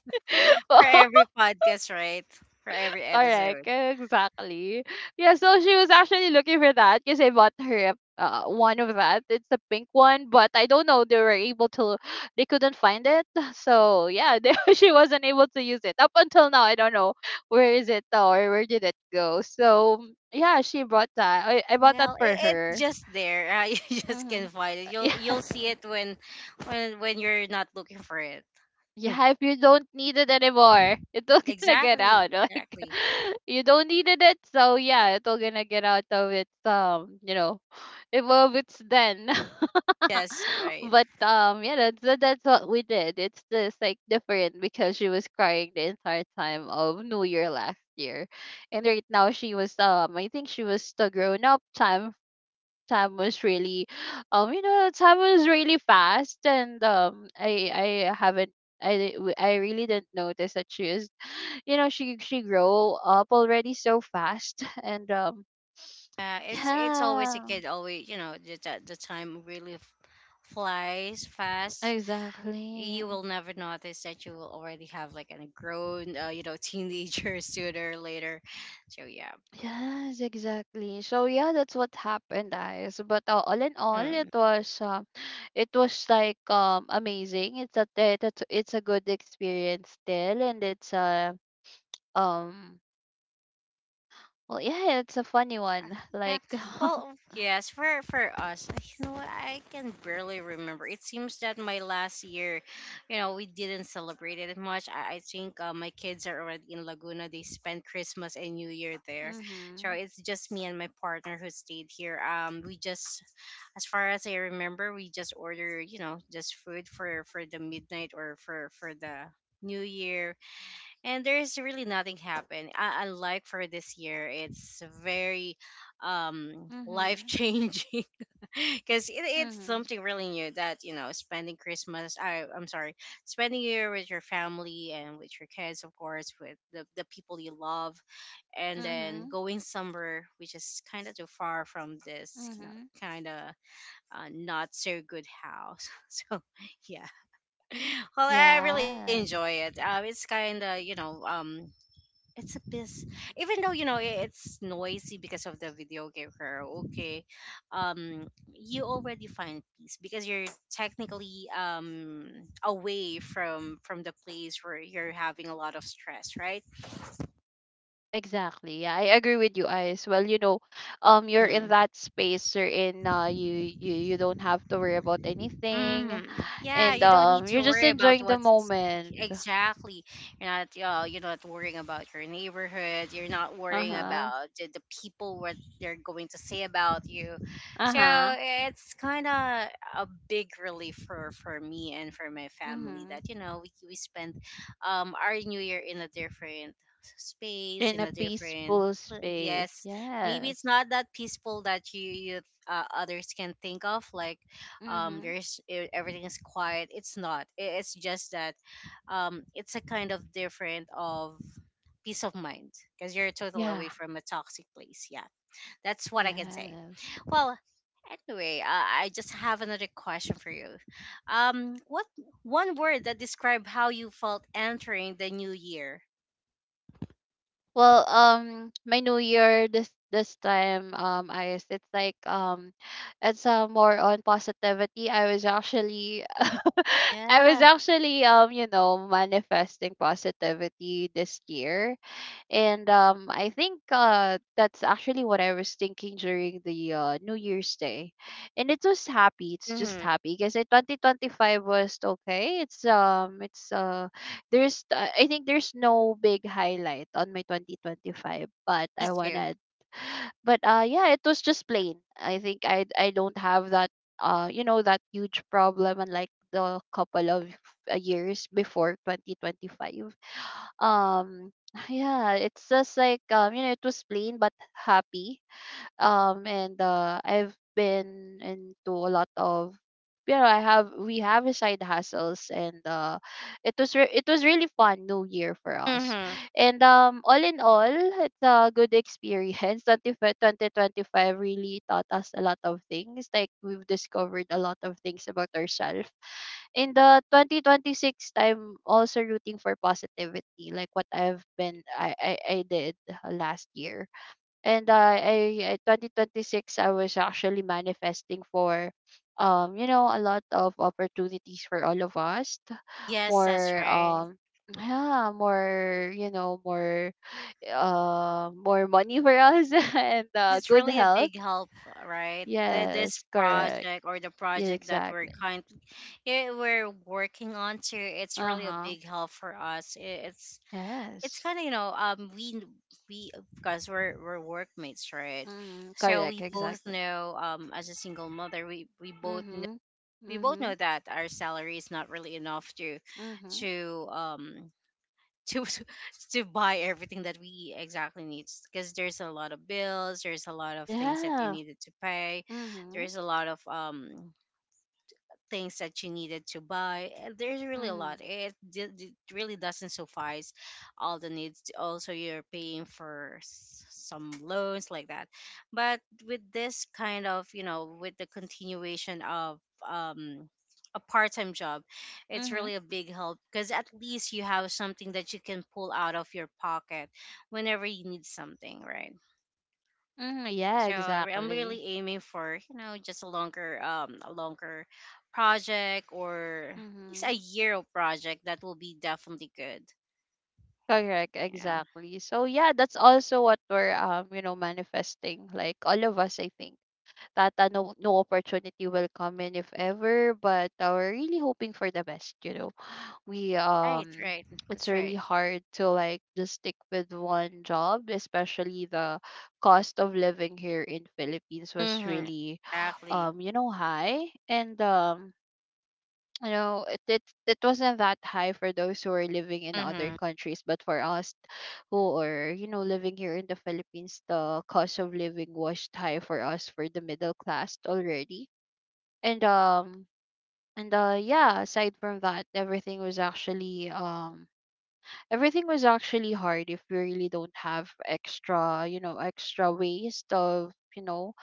Speaker 1: For
Speaker 2: [laughs]
Speaker 1: every podcast, right? For every
Speaker 2: Correct,
Speaker 1: episode.
Speaker 2: exactly. Yeah, so she was actually looking for that because I bought her uh, one of that. It's the pink one, but I don't know. They were able to, they couldn't find it. [laughs] So yeah, they, [laughs] she wasn't able to use it up until now. I don't know where is it or where did it go. So yeah, she bought that. I, I bought that
Speaker 1: Well,
Speaker 2: for
Speaker 1: it, it's
Speaker 2: her.
Speaker 1: just there. Uh, [laughs] you just
Speaker 2: Mm-hmm.
Speaker 1: can find it.
Speaker 2: [laughs]
Speaker 1: You'll
Speaker 2: Yeah.
Speaker 1: you'll see it when when when you're not looking for it.
Speaker 2: Yeah, if you don't need it anymore, it's all [laughs] gonna get out.
Speaker 1: Exactly,
Speaker 2: Like
Speaker 1: exactly.
Speaker 2: [laughs] you don't needed it, so yeah, it's all gonna get out of its um, you know, [sighs] it of it's then.
Speaker 1: Yes,
Speaker 2: [laughs]
Speaker 1: right.
Speaker 2: But um, yeah, that's that- that's what we did. It's just like different because she was crying the entire time of New Year last year, and right now she was, um, I think she was the grown up time. time was really, um you know time was really fast. And um I I haven't I, di- really didn't notice that she is, you know she she grow up already so fast. [laughs] and um
Speaker 1: Uh, it's it's always a
Speaker 2: Yeah,
Speaker 1: kid. Always, you know, the the the time really f- flies fast.
Speaker 2: exactly.
Speaker 1: You will never notice that you will already have like a grown, uh, you know, teenager [laughs] sooner or later. So yeah.
Speaker 2: Yes, exactly. So yeah, that's what happened, guys. But uh, all in all, it
Speaker 1: Hmm.
Speaker 2: was um it was like, um amazing. it's a it, it's it's a good experience still. And it's a, um well, yeah, it's a funny one. [laughs]
Speaker 1: Yeah.
Speaker 2: Like, [laughs]
Speaker 1: Well, yes, for for us, I— you know, I can barely remember. It seems that my last year, you know, we didn't celebrate it much. I, I think uh, my kids are already in Laguna. They spent Christmas and New Year there, so
Speaker 2: mhm,
Speaker 1: it's just me and my partner who stayed here. Um, we just, as far as I remember, we just order, you know, just food for for the midnight or for for the New Year, and there's really nothing happened. I, unlike for this year, it's very um life
Speaker 2: mhm,
Speaker 1: changing [laughs] because it, it's
Speaker 2: mhm,
Speaker 1: something really new that, you know, spending Christmas. I I'm sorry, spending year with your family and with your kids, of course, with the the people you love, and then
Speaker 2: mhm,
Speaker 1: going somewhere which is kind of too far from this, you know,
Speaker 2: mhm.
Speaker 1: kind of uh, not so good house. [laughs] So yeah, well, I really
Speaker 2: Yes,
Speaker 1: enjoy it, um, it's kind of, you know, um, it's a piss, even though, you know, i- it's noisy because of the video game karaoke, um, you already find peace, because you're technically um away from from the place where you're having a lot of stress, right?
Speaker 2: exactly. Yeah, I agree with you, Ice. Well, you know, um, you're in that space. You're in. Uh, you you you don't have to worry about anything,
Speaker 1: Mm-hmm. Yeah,
Speaker 2: and
Speaker 1: you don't need
Speaker 2: um,
Speaker 1: to
Speaker 2: you're just
Speaker 1: worry about
Speaker 2: enjoying the
Speaker 1: what's—
Speaker 2: moment.
Speaker 1: exactly. You're not, uh, you're not worrying about your neighborhood. You're not
Speaker 2: Uh
Speaker 1: worrying
Speaker 2: huh.
Speaker 1: about the, the people, what they're going to say about you.
Speaker 2: Uh
Speaker 1: So
Speaker 2: huh.
Speaker 1: it's kind of a big relief for for me and for my family
Speaker 2: Mhm.
Speaker 1: that, you know, we we spent um our New Year in a different space,
Speaker 2: In
Speaker 1: in
Speaker 2: a
Speaker 1: a different
Speaker 2: peaceful
Speaker 1: pla-
Speaker 2: space.
Speaker 1: yes— maybe it's
Speaker 2: Yes.
Speaker 1: not that peaceful that you, you uh, others can think of, like, um,
Speaker 2: Mhm.
Speaker 1: there's e- everything is quiet, it's not— I- it's just that um it's a kind of different of peace of mind, because you're total
Speaker 2: Yeah.
Speaker 1: away from a toxic place, yeah, that's what I can say.
Speaker 2: Yes.
Speaker 1: Well, anyway, uh, I just have another question for you. Um, what— one word that describe how you felt entering the new year?
Speaker 2: Well, um, my New Year this this time, um, I guess it's like, um, it's uh, more on positivity. I was actually, [laughs] I was
Speaker 1: Yeah.
Speaker 2: actually, um, you know, manifesting positivity this year, and um, I think uh, that's actually what I was thinking during the uh, New Year's Day. And it was happy. It's just
Speaker 1: Mm-hmm.
Speaker 2: happy because twenty twenty-five was okay. It's um, it's uh, there's uh, I think there's no big highlight on my twenty twenty-five, but
Speaker 1: Me
Speaker 2: I
Speaker 1: too.
Speaker 2: wanted. But uh, yeah, it was just plain. I think I I don't have that uh, you know, that huge problem, unlike the couple of uh, years before twenty twenty-five. um yeah, it's just like, um, you know, it was plain but happy. Um, and uh, I've been into a lot of, you know, I have we have a side hustles, and uh, it was re- it was really fun New Year for
Speaker 1: Mm-hmm.
Speaker 2: us. And um, all in all, it's a good experience. [laughs] twenty twenty-five really taught us a lot of things. Like, we've discovered a lot of things about ourselves in the twenty twenty-six. I'm also rooting for positivity, like what I've been, i i, I did uh, last year. and uh, I, I twenty twenty-six I was actually manifesting for, um you know a lot of opportunities for all of us. T-
Speaker 1: Yes, that's
Speaker 2: more
Speaker 1: right.
Speaker 2: um Yeah, more, you know more, uh more money for us, [laughs] and uh
Speaker 1: It's
Speaker 2: good
Speaker 1: really a
Speaker 2: health.
Speaker 1: big help, right? The, this
Speaker 2: Yes, correct.
Speaker 1: project, or the
Speaker 2: Yeah,
Speaker 1: project that we're
Speaker 2: exactly.
Speaker 1: kind— eh, we're working on to, it's really a
Speaker 2: Uh-huh.
Speaker 1: big help for us. I- It's it's
Speaker 2: Yes.
Speaker 1: kind of, you know, um, we we because we're we're workmates, right?
Speaker 2: Mhm.
Speaker 1: So
Speaker 2: Correct,
Speaker 1: we both
Speaker 2: exactly.
Speaker 1: know um as a single mother, we we both know
Speaker 2: Mhm.
Speaker 1: we both know
Speaker 2: Mhm.
Speaker 1: that our salary is not really enough to—
Speaker 2: Mhm.
Speaker 1: to um— to [laughs] to buy everything that we exactly need, because there's a lot of bills, there's a lot of things that you
Speaker 2: Yeah.
Speaker 1: needed to pay,
Speaker 2: Mhm.
Speaker 1: there's a lot of um things that you needed to buy. Eh, there's really a lot.
Speaker 2: Mhm.
Speaker 1: It, d- d- it really doesn't suffice all the needs. Also, you're paying for s- some loans like that. But with this kind of, you know, with the continuation of um, a part-time job, it's
Speaker 2: Mhm.
Speaker 1: really a big help, because at least you have something that you can pull out of your pocket whenever you need something, right?
Speaker 2: Mhm. Yeah,
Speaker 1: So re- I'm
Speaker 2: exactly.
Speaker 1: really aiming for, you know, just a longer um a longer project, or at least a
Speaker 2: Mhm.
Speaker 1: year of project that will be definitely good.
Speaker 2: Correct,
Speaker 1: Yeah.
Speaker 2: exactly. So yeah, that's also what we're, um, you know, manifesting. Like all of us, I think that uh, no no opportunity will come in if ever, but uh, we're really hoping for the best, you know. We
Speaker 1: Right.
Speaker 2: um
Speaker 1: Right.
Speaker 2: It's
Speaker 1: That's
Speaker 2: really
Speaker 1: right.
Speaker 2: hard to like just stick with one job, especially the cost of living here in Philippines was
Speaker 1: Mm-hmm.
Speaker 2: really [sighs]
Speaker 1: Exactly.
Speaker 2: um you know high. And um you know it, it it wasn't that high for those who are living in other
Speaker 1: Mm-hmm.
Speaker 2: countries, but for us who are, you know living here in the Philippines, the cost of living was high for us, for the middle class already. And um and uh yeah, aside from that, everything was actually, um everything was actually hard if we really don't have extra, you know extra ways of, you know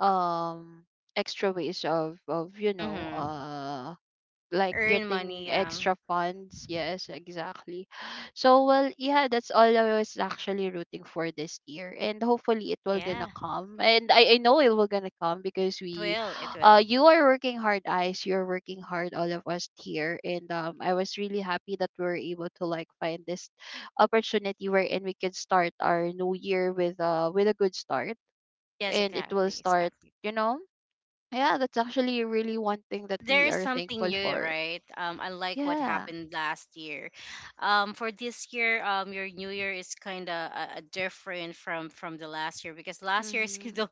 Speaker 2: um extra ways of, of you know
Speaker 1: Mm-hmm.
Speaker 2: uh like
Speaker 1: Earn
Speaker 2: getting
Speaker 1: money. Um.
Speaker 2: extra funds. Yes, exactly. So well, yeah, that's all I was actually rooting for this year, and hopefully it will gonna
Speaker 1: Yeah.
Speaker 2: come. And I I know it will gonna come because
Speaker 1: It
Speaker 2: we,
Speaker 1: will. It
Speaker 2: uh,
Speaker 1: will.
Speaker 2: you are working hard, eyes. You're working hard, all of us here, and um, I was really happy that we were able to like find this opportunity wherein we can start our new year with uh with a good start,
Speaker 1: Yes.
Speaker 2: and it will
Speaker 1: Exactly.
Speaker 2: start,
Speaker 1: Exactly.
Speaker 2: you know. Yeah, that's actually really one thing that we
Speaker 1: There's
Speaker 2: are
Speaker 1: something
Speaker 2: thankful
Speaker 1: new,
Speaker 2: for.
Speaker 1: right? Um, unlike what
Speaker 2: Yeah.
Speaker 1: happened last year, um, for this year, um, your New Year is kind of uh, uh, different from from the last year, because last year is [laughs]
Speaker 2: Mm-hmm.
Speaker 1: don't—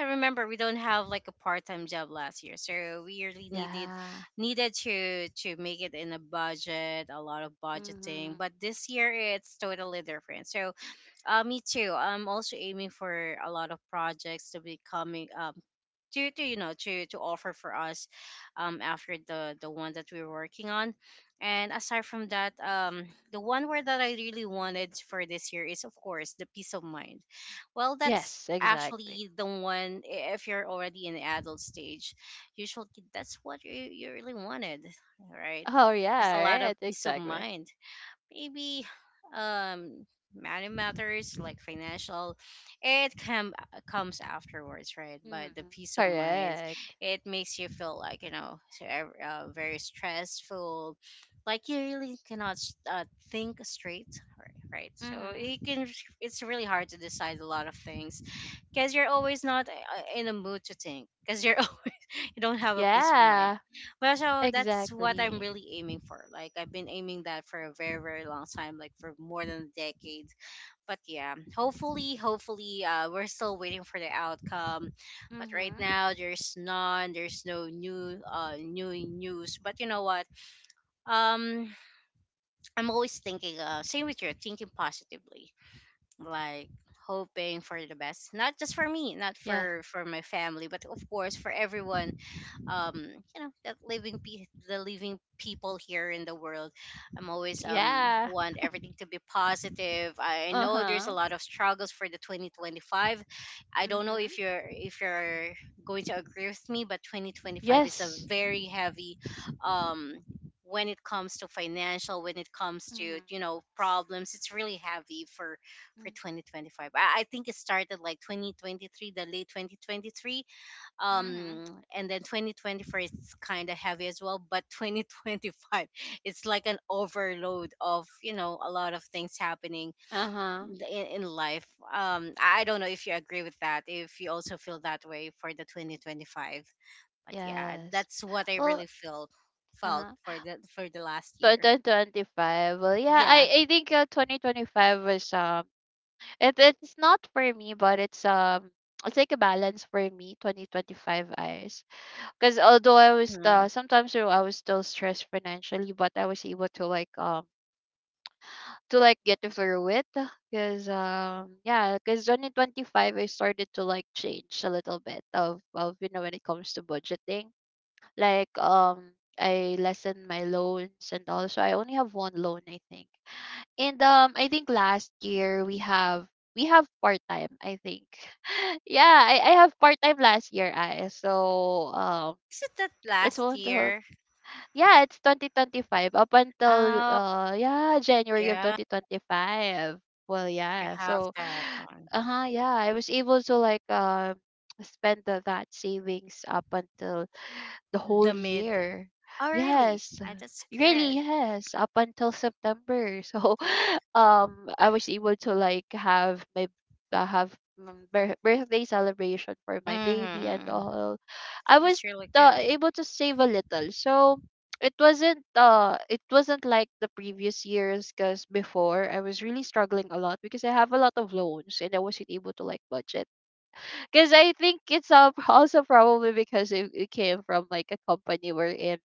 Speaker 1: I remember we don't have like a part time job last year, so we really needed—
Speaker 2: Yeah.
Speaker 1: needed to to make it in a budget, a lot of budgeting.
Speaker 2: Mm-hmm.
Speaker 1: But this year it's totally different. So, uh, me too. I'm also aiming for a lot of projects to be coming up to— to, you know, to to offer for us um after the the one that we were working on. And aside from that um the one word that I really wanted for this year is of course the peace of mind. Well, that's
Speaker 2: Yes, exactly.
Speaker 1: actually the one— i- if you're already in the adult stage, usually that's what you, you really wanted, right?
Speaker 2: Oh
Speaker 1: There's a lot
Speaker 2: yeah,
Speaker 1: of
Speaker 2: right,
Speaker 1: peace of
Speaker 2: exactly.
Speaker 1: mind, maybe, um, money matters, like financial, it come— uh, comes afterwards, right? But the
Speaker 2: Mm-hmm.
Speaker 1: peace of mind,
Speaker 2: Correct.
Speaker 1: it makes you feel like, you know, so ev- uh, very stressful, like you really cannot s- uh, think straight, right, right, so
Speaker 2: Mm-hmm.
Speaker 1: it can— it's really hard to decide a lot of things, because you're always not uh, in a mood to think, because you're [laughs] you don't have a peace of mind.
Speaker 2: Yeah,
Speaker 1: Well, so that's what I'm
Speaker 2: exactly.
Speaker 1: really aiming for. Like I've been aiming that for a very, very long time, like for more than a decade. But yeah, hopefully, hopefully, uh, we're still waiting for the outcome. But right
Speaker 2: Mm-hmm.
Speaker 1: now, there's none. There's no new, uh, new news. But you know what? Um, I'm always thinking. Uh, same with you, thinking positively, like hoping for the best, not just for me, not
Speaker 2: Yes.
Speaker 1: for for my family, but of course for everyone. Um you know that living pe- the living people here in the world. I'm always um
Speaker 2: Yeah.
Speaker 1: want everything to be positive. I I know there's a
Speaker 2: Uh-huh.
Speaker 1: lot of struggles for the twenty twenty-five. I don't know
Speaker 2: Mm-hmm.
Speaker 1: if you're if you're going to agree with me, but twenty twenty-five is a
Speaker 2: Yes.
Speaker 1: very heavy, um when it comes to financial, when it comes to,
Speaker 2: Mm-hmm.
Speaker 1: you know, problems. It's really heavy for for twenty twenty-five. I, I think it started like twenty twenty-three, the late twenty twenty-three.
Speaker 2: Mm-hmm.
Speaker 1: Um and then twenty twenty-four is kind of heavy as well, but [laughs] twenty twenty-five, it's like an overload of, you know, a lot of things happening
Speaker 2: Uh-huh.
Speaker 1: in, in life. Um i don't know if you agree with that, if you also feel that way for the twenty twenty-five, but yeah,
Speaker 2: Yes.
Speaker 1: that's what I
Speaker 2: Well,
Speaker 1: really felt felt
Speaker 2: uh-huh.
Speaker 1: for the for the last year.
Speaker 2: twenty twenty-five. Well, yeah,
Speaker 1: Yeah.
Speaker 2: I, I think uh, twenty twenty-five was, um it it's not for me, but it's, um it's like a balance for me, twenty twenty five, eyes, because although I was
Speaker 1: mm.
Speaker 2: uh, sometimes, you know, I was still stressed financially, but I was able to like, um to like get through it. Because um yeah, because twenty twenty five, I started to like change a little bit of, of you know when it comes to budgeting. Like, um I lessened my loans, and also I only have one loan I think. And um I think last year we have, we have part time, I think. [laughs] Yeah, I, I have part time last year, I so, um
Speaker 1: Is it that
Speaker 2: it's
Speaker 1: last
Speaker 2: one to,
Speaker 1: year?
Speaker 2: yeah, it's twenty twenty five up until
Speaker 1: Oh,
Speaker 2: uh yeah, January of
Speaker 1: yeah,
Speaker 2: twenty twenty five. Well
Speaker 1: you
Speaker 2: yeah,
Speaker 1: have
Speaker 2: so
Speaker 1: that
Speaker 2: [sighs]
Speaker 1: on
Speaker 2: uh huh yeah, I was able to like, um spend the, that savings up until the whole
Speaker 1: the mid.
Speaker 2: year.
Speaker 1: Oh, really?
Speaker 2: Yes.
Speaker 1: Ah, that's
Speaker 2: Really,
Speaker 1: good.
Speaker 2: yes, up until September. So, [laughs] um, I was able to like have my, uh, have, mm, bir- birthday celebration for my baby and
Speaker 1: Mm-hmm.
Speaker 2: all. I was,
Speaker 1: That's really
Speaker 2: uh,
Speaker 1: good.
Speaker 2: able to save a little. So, it wasn't uh it wasn't like the previous years because before I was really struggling a lot because I have a lot of loans and I wasn't able to like budget. Because I think it's, uh, [laughs] also probably because it, it came from like a company we're in.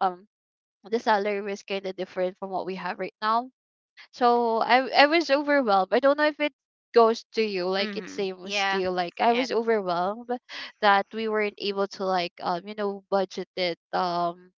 Speaker 2: Um, the salary was kind of different from what we have right now. So I I was overwhelmed. I don't know if it goes to you like it
Speaker 1: Mm-hmm.
Speaker 2: same was to
Speaker 1: Yeah.
Speaker 2: you. Like I
Speaker 1: Yeah.
Speaker 2: was overwhelmed that we weren't able to like, um you know budget it, um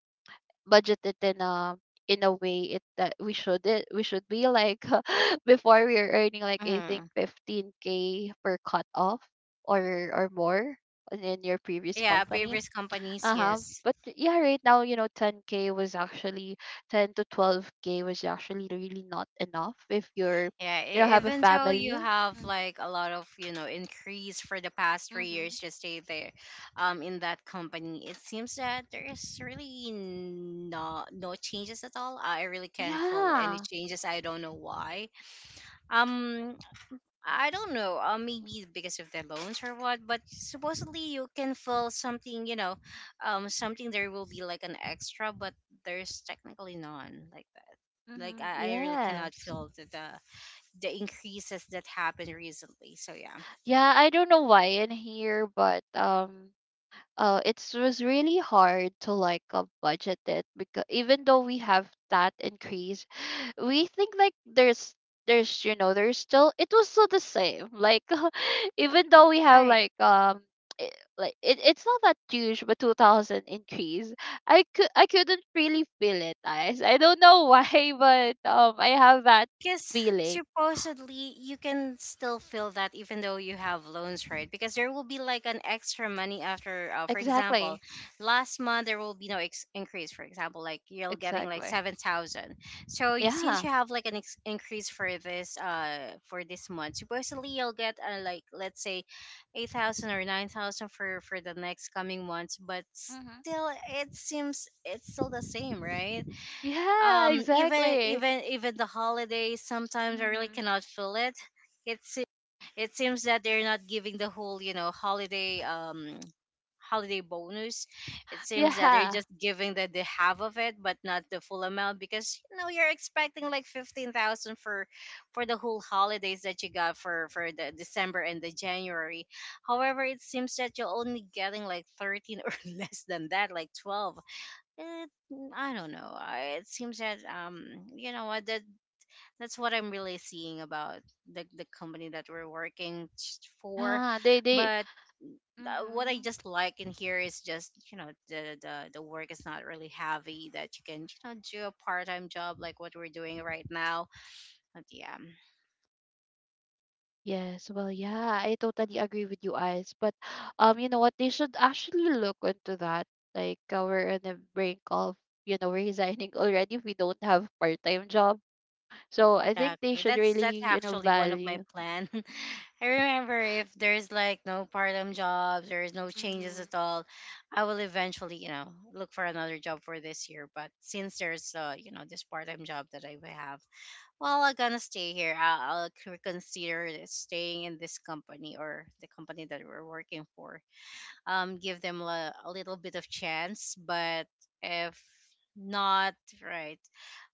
Speaker 2: budget it in a, in a way it that we should, it we should be like, [laughs] before we are earning like I think
Speaker 1: Mm-hmm.
Speaker 2: fifteen k per cut off, or or more in your previous
Speaker 1: Yeah.
Speaker 2: company.
Speaker 1: Previous companies,
Speaker 2: Uh-huh.
Speaker 1: yes.
Speaker 2: But yeah, right now, you know, ten k was actually, ten to twelve k was actually really not enough if you're,
Speaker 1: Yeah.
Speaker 2: you know,
Speaker 1: e-
Speaker 2: have a
Speaker 1: Even though you
Speaker 2: family.
Speaker 1: have
Speaker 2: Mhm.
Speaker 1: like a lot of, you know, increase for the past three
Speaker 2: Mhm.
Speaker 1: years, just stay there, um, in that company, it seems that there is really no no changes at all. I really can't feel any
Speaker 2: Yeah.
Speaker 1: changes. I don't know why. Um, I don't know. Uh, maybe because of the loans or what, but supposedly you can fill something, you know, um, something there will be like an extra, but there's technically none like that. Like
Speaker 2: Mm-hmm.
Speaker 1: I, I really cannot
Speaker 2: Yes.
Speaker 1: feel the, the the increases that happened recently. So yeah,
Speaker 2: Yeah, I don't know why in here, but um uh it was really hard to like, uh, budget it because even though we have that increase, [sighs] we think like there's there's you know there's still, it was still the same, like [laughs] even though we have
Speaker 1: right.
Speaker 2: like, um i- like it, it's not that huge, but two thousand increase. i could I couldn't really feel it, guys, I don't know why. [laughs] but um I have that
Speaker 1: Because
Speaker 2: feeling.
Speaker 1: supposedly you can still feel that even though you have loans, right, because there will be like an extra money after, uh, for example,
Speaker 2: Exactly.
Speaker 1: last month there will be no ex- increase, for example, like you're getting like
Speaker 2: Exactly.
Speaker 1: seven thousand. So you, since
Speaker 2: Yeah.
Speaker 1: you have like an ex- increase for this uh for this month, supposedly you'll get, uh, like let's say, eight thousand or nine thousand for for the next coming months, but
Speaker 2: Mm-hmm.
Speaker 1: still it seems it's still the same, right.
Speaker 2: Yeah,
Speaker 1: um even
Speaker 2: exactly.
Speaker 1: even even the holidays, sometimes I really
Speaker 2: Mm-hmm.
Speaker 1: cannot feel it. it's it seems that they're not giving the whole, you know, holiday, um holiday bonus. It seems that they're
Speaker 2: Yeah.
Speaker 1: just giving the, the half of it, but not the full amount, because you know you're expecting like fifteen thousand for for the whole holidays that you got for for the December and the January. However, it seems that you're only getting like thirteen, or [laughs] less than that, like twelve. It, I don't know. I, it seems that, um, you know what, that that's what I'm really seeing about the the company that we're working s- for.
Speaker 2: Ah, they they
Speaker 1: But uh, what I
Speaker 2: mm-hmm.
Speaker 1: just like in here is just, you know, the the the work is not really heavy, that you can, you know, do a part time job like what we're doing right now. But yeah,
Speaker 2: Yes, well, yeah, I totally agree with you, Ice. But um, you know what? They should actually look into that. Like, uh, we're on the brink of, you know, resigning [laughs] already if we don't have part-time job. So I think they
Speaker 1: exactly.
Speaker 2: should
Speaker 1: That's
Speaker 2: really,
Speaker 1: that's
Speaker 2: you know,
Speaker 1: actually one of my
Speaker 2: value.
Speaker 1: plan. [laughs] I remember, if there's like no part-time jobs, there is no changes
Speaker 2: Mm-hmm.
Speaker 1: at all, I will eventually, you know, look for another job for this year. But since there's, uh, you know, this part-time job that I have, well, I'm gonna stay here. I'll, I'll c- reconsider staying in this company, or the company that we're working for, um, give them a, a little bit of chance. But if not, right,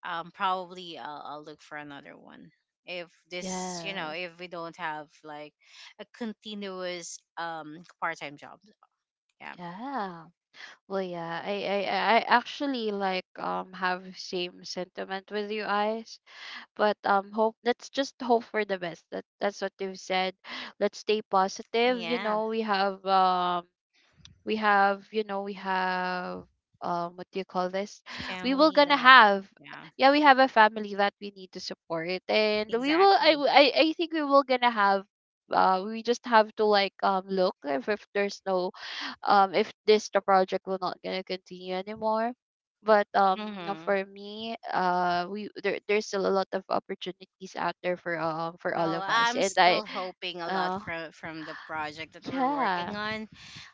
Speaker 1: um, probably I'll, I'll look for another one. If this, you know,
Speaker 2: Yes.
Speaker 1: if we don't have like a continuous um part time job, yeah,
Speaker 2: Yeah. Well, yeah. I I I I actually like, um have same sentiment with you, Ice. but um hope, let's just hope for the best, that that's what you've said. Let's stay positive, you
Speaker 1: yeah,
Speaker 2: know, we have, um we have, you know, we have, um what do you call this, we will
Speaker 1: family
Speaker 2: gonna
Speaker 1: that,
Speaker 2: have,
Speaker 1: yeah,
Speaker 2: yeah, we have a family that we need to support and we will. i
Speaker 1: exactly.
Speaker 2: w- i, I think we will gonna have, uh, we just have to like, um look if, if there's no, um if this the project will not gonna continue anymore. But um
Speaker 1: Mm-hmm.
Speaker 2: for me, uh we there, there's still a lot of opportunities out there for, um for all
Speaker 1: Well,
Speaker 2: of us.
Speaker 1: I'm
Speaker 2: and i
Speaker 1: still hoping a lot
Speaker 2: uh
Speaker 1: from from the project that we're working
Speaker 2: yeah.
Speaker 1: on.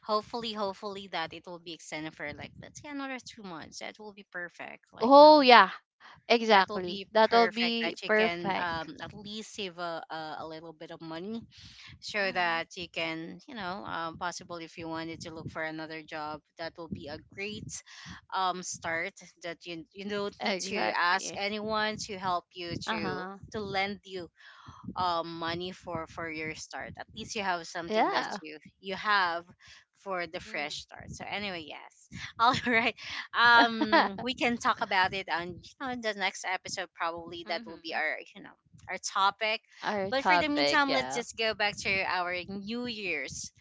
Speaker 1: Hopefully, hopefully that it will be extended for like let's say another two months. That will be perfect. Like, you know,
Speaker 2: Oh yeah,
Speaker 1: that will
Speaker 2: exactly.
Speaker 1: be
Speaker 2: That'll
Speaker 1: perfect.
Speaker 2: be
Speaker 1: That you can, um
Speaker 2: perfect.
Speaker 1: at least save a a, a little bit of money, so
Speaker 2: Mm-hmm.
Speaker 1: that you can, you know, um, possible if you wanted to look for another job, that will be a great um start. That you you don't need to ask
Speaker 2: Exactly.
Speaker 1: anyone to help you
Speaker 2: Uh
Speaker 1: to
Speaker 2: huh.
Speaker 1: to lend you um money for for your start. At least you have something that
Speaker 2: Yeah.
Speaker 1: you you have for the
Speaker 2: Mm-hmm.
Speaker 1: fresh start. So anyway, yes. [laughs] All right, um
Speaker 2: [laughs]
Speaker 1: we can talk about it on, you know, the next episode. Probably that will be
Speaker 2: Mm-hmm.
Speaker 1: our you know our topic.
Speaker 2: Our
Speaker 1: But for the
Speaker 2: topic.
Speaker 1: meantime, let's
Speaker 2: Yeah.
Speaker 1: just go back to our New Year's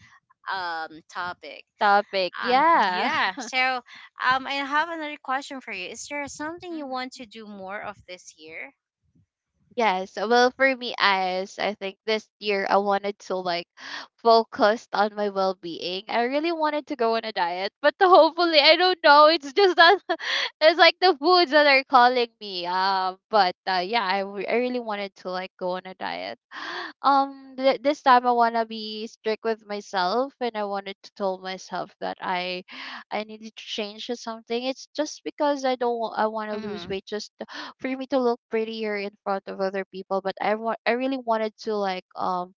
Speaker 1: um topic.
Speaker 2: Topic.
Speaker 1: um
Speaker 2: Yeah.
Speaker 1: yeah
Speaker 2: [laughs]
Speaker 1: so, um i have another question for you. Is there something you want
Speaker 2: Mm-hmm.
Speaker 1: to do more of this year?
Speaker 2: Yes, well, for me, as I think this year I wanted to like focus on my well being. I really wanted to go on a diet, but [laughs] the- hopefully, I don't know. It's just that [laughs] it's like the foods that are calling me. Um, but uh, yeah, I, w- I really wanted to like go on a diet. [gasps] [sighs] Um, th- this time I wanna be strict with myself, and I wanted to tell myself that I I needed to change to something. It's just because I don't wa- I wanna lose
Speaker 1: Mm-hmm.
Speaker 2: weight just for me to look prettier in front of other people, but i want i really wanted to like um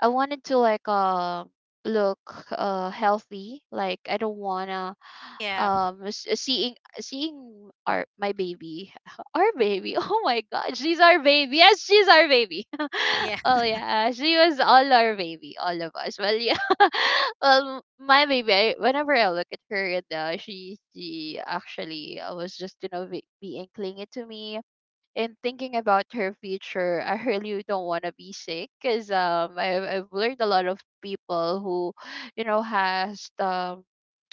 Speaker 2: i wanted to like um look uh healthy. Like I don't wanna
Speaker 1: Yeah.
Speaker 2: um s- seeing seeing our my baby. [laughs] Our baby, oh my god, she's our baby. Yes, she's our baby.
Speaker 1: Yeah.
Speaker 2: [laughs] Oh yeah, she was all our baby, all of us. Well yeah, [laughs] well, my baby, I, whenever I look at her, and uh, she she actually uh, was just you know be, being clingy to me, and thinking about her future, I really don't want to be sick because um I've, I've learned a lot of people who, you know, has um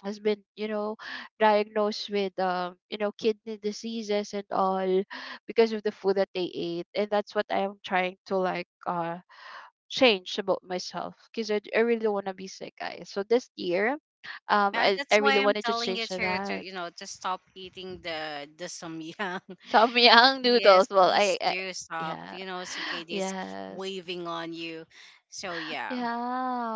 Speaker 2: has been you know diagnosed with um you know kidney diseases and all because of the food that they ate. And that's what I am trying to like uh change about myself, because I, I really don't want to be sick, guys. So this year, um
Speaker 1: Yeah,
Speaker 2: I, I
Speaker 1: that's
Speaker 2: really
Speaker 1: why I'm
Speaker 2: wanted to
Speaker 1: telling
Speaker 2: change
Speaker 1: you
Speaker 2: to
Speaker 1: to, to,
Speaker 2: that.
Speaker 1: you know, to stop eating the the samyang.
Speaker 2: Samyang
Speaker 1: [laughs] Yes,
Speaker 2: noodles. Well, I,
Speaker 1: please
Speaker 2: I,
Speaker 1: do stop.
Speaker 2: yeah.
Speaker 1: You know, C K D is k-
Speaker 2: Yes.
Speaker 1: waving on you. So yeah,
Speaker 2: Yeah,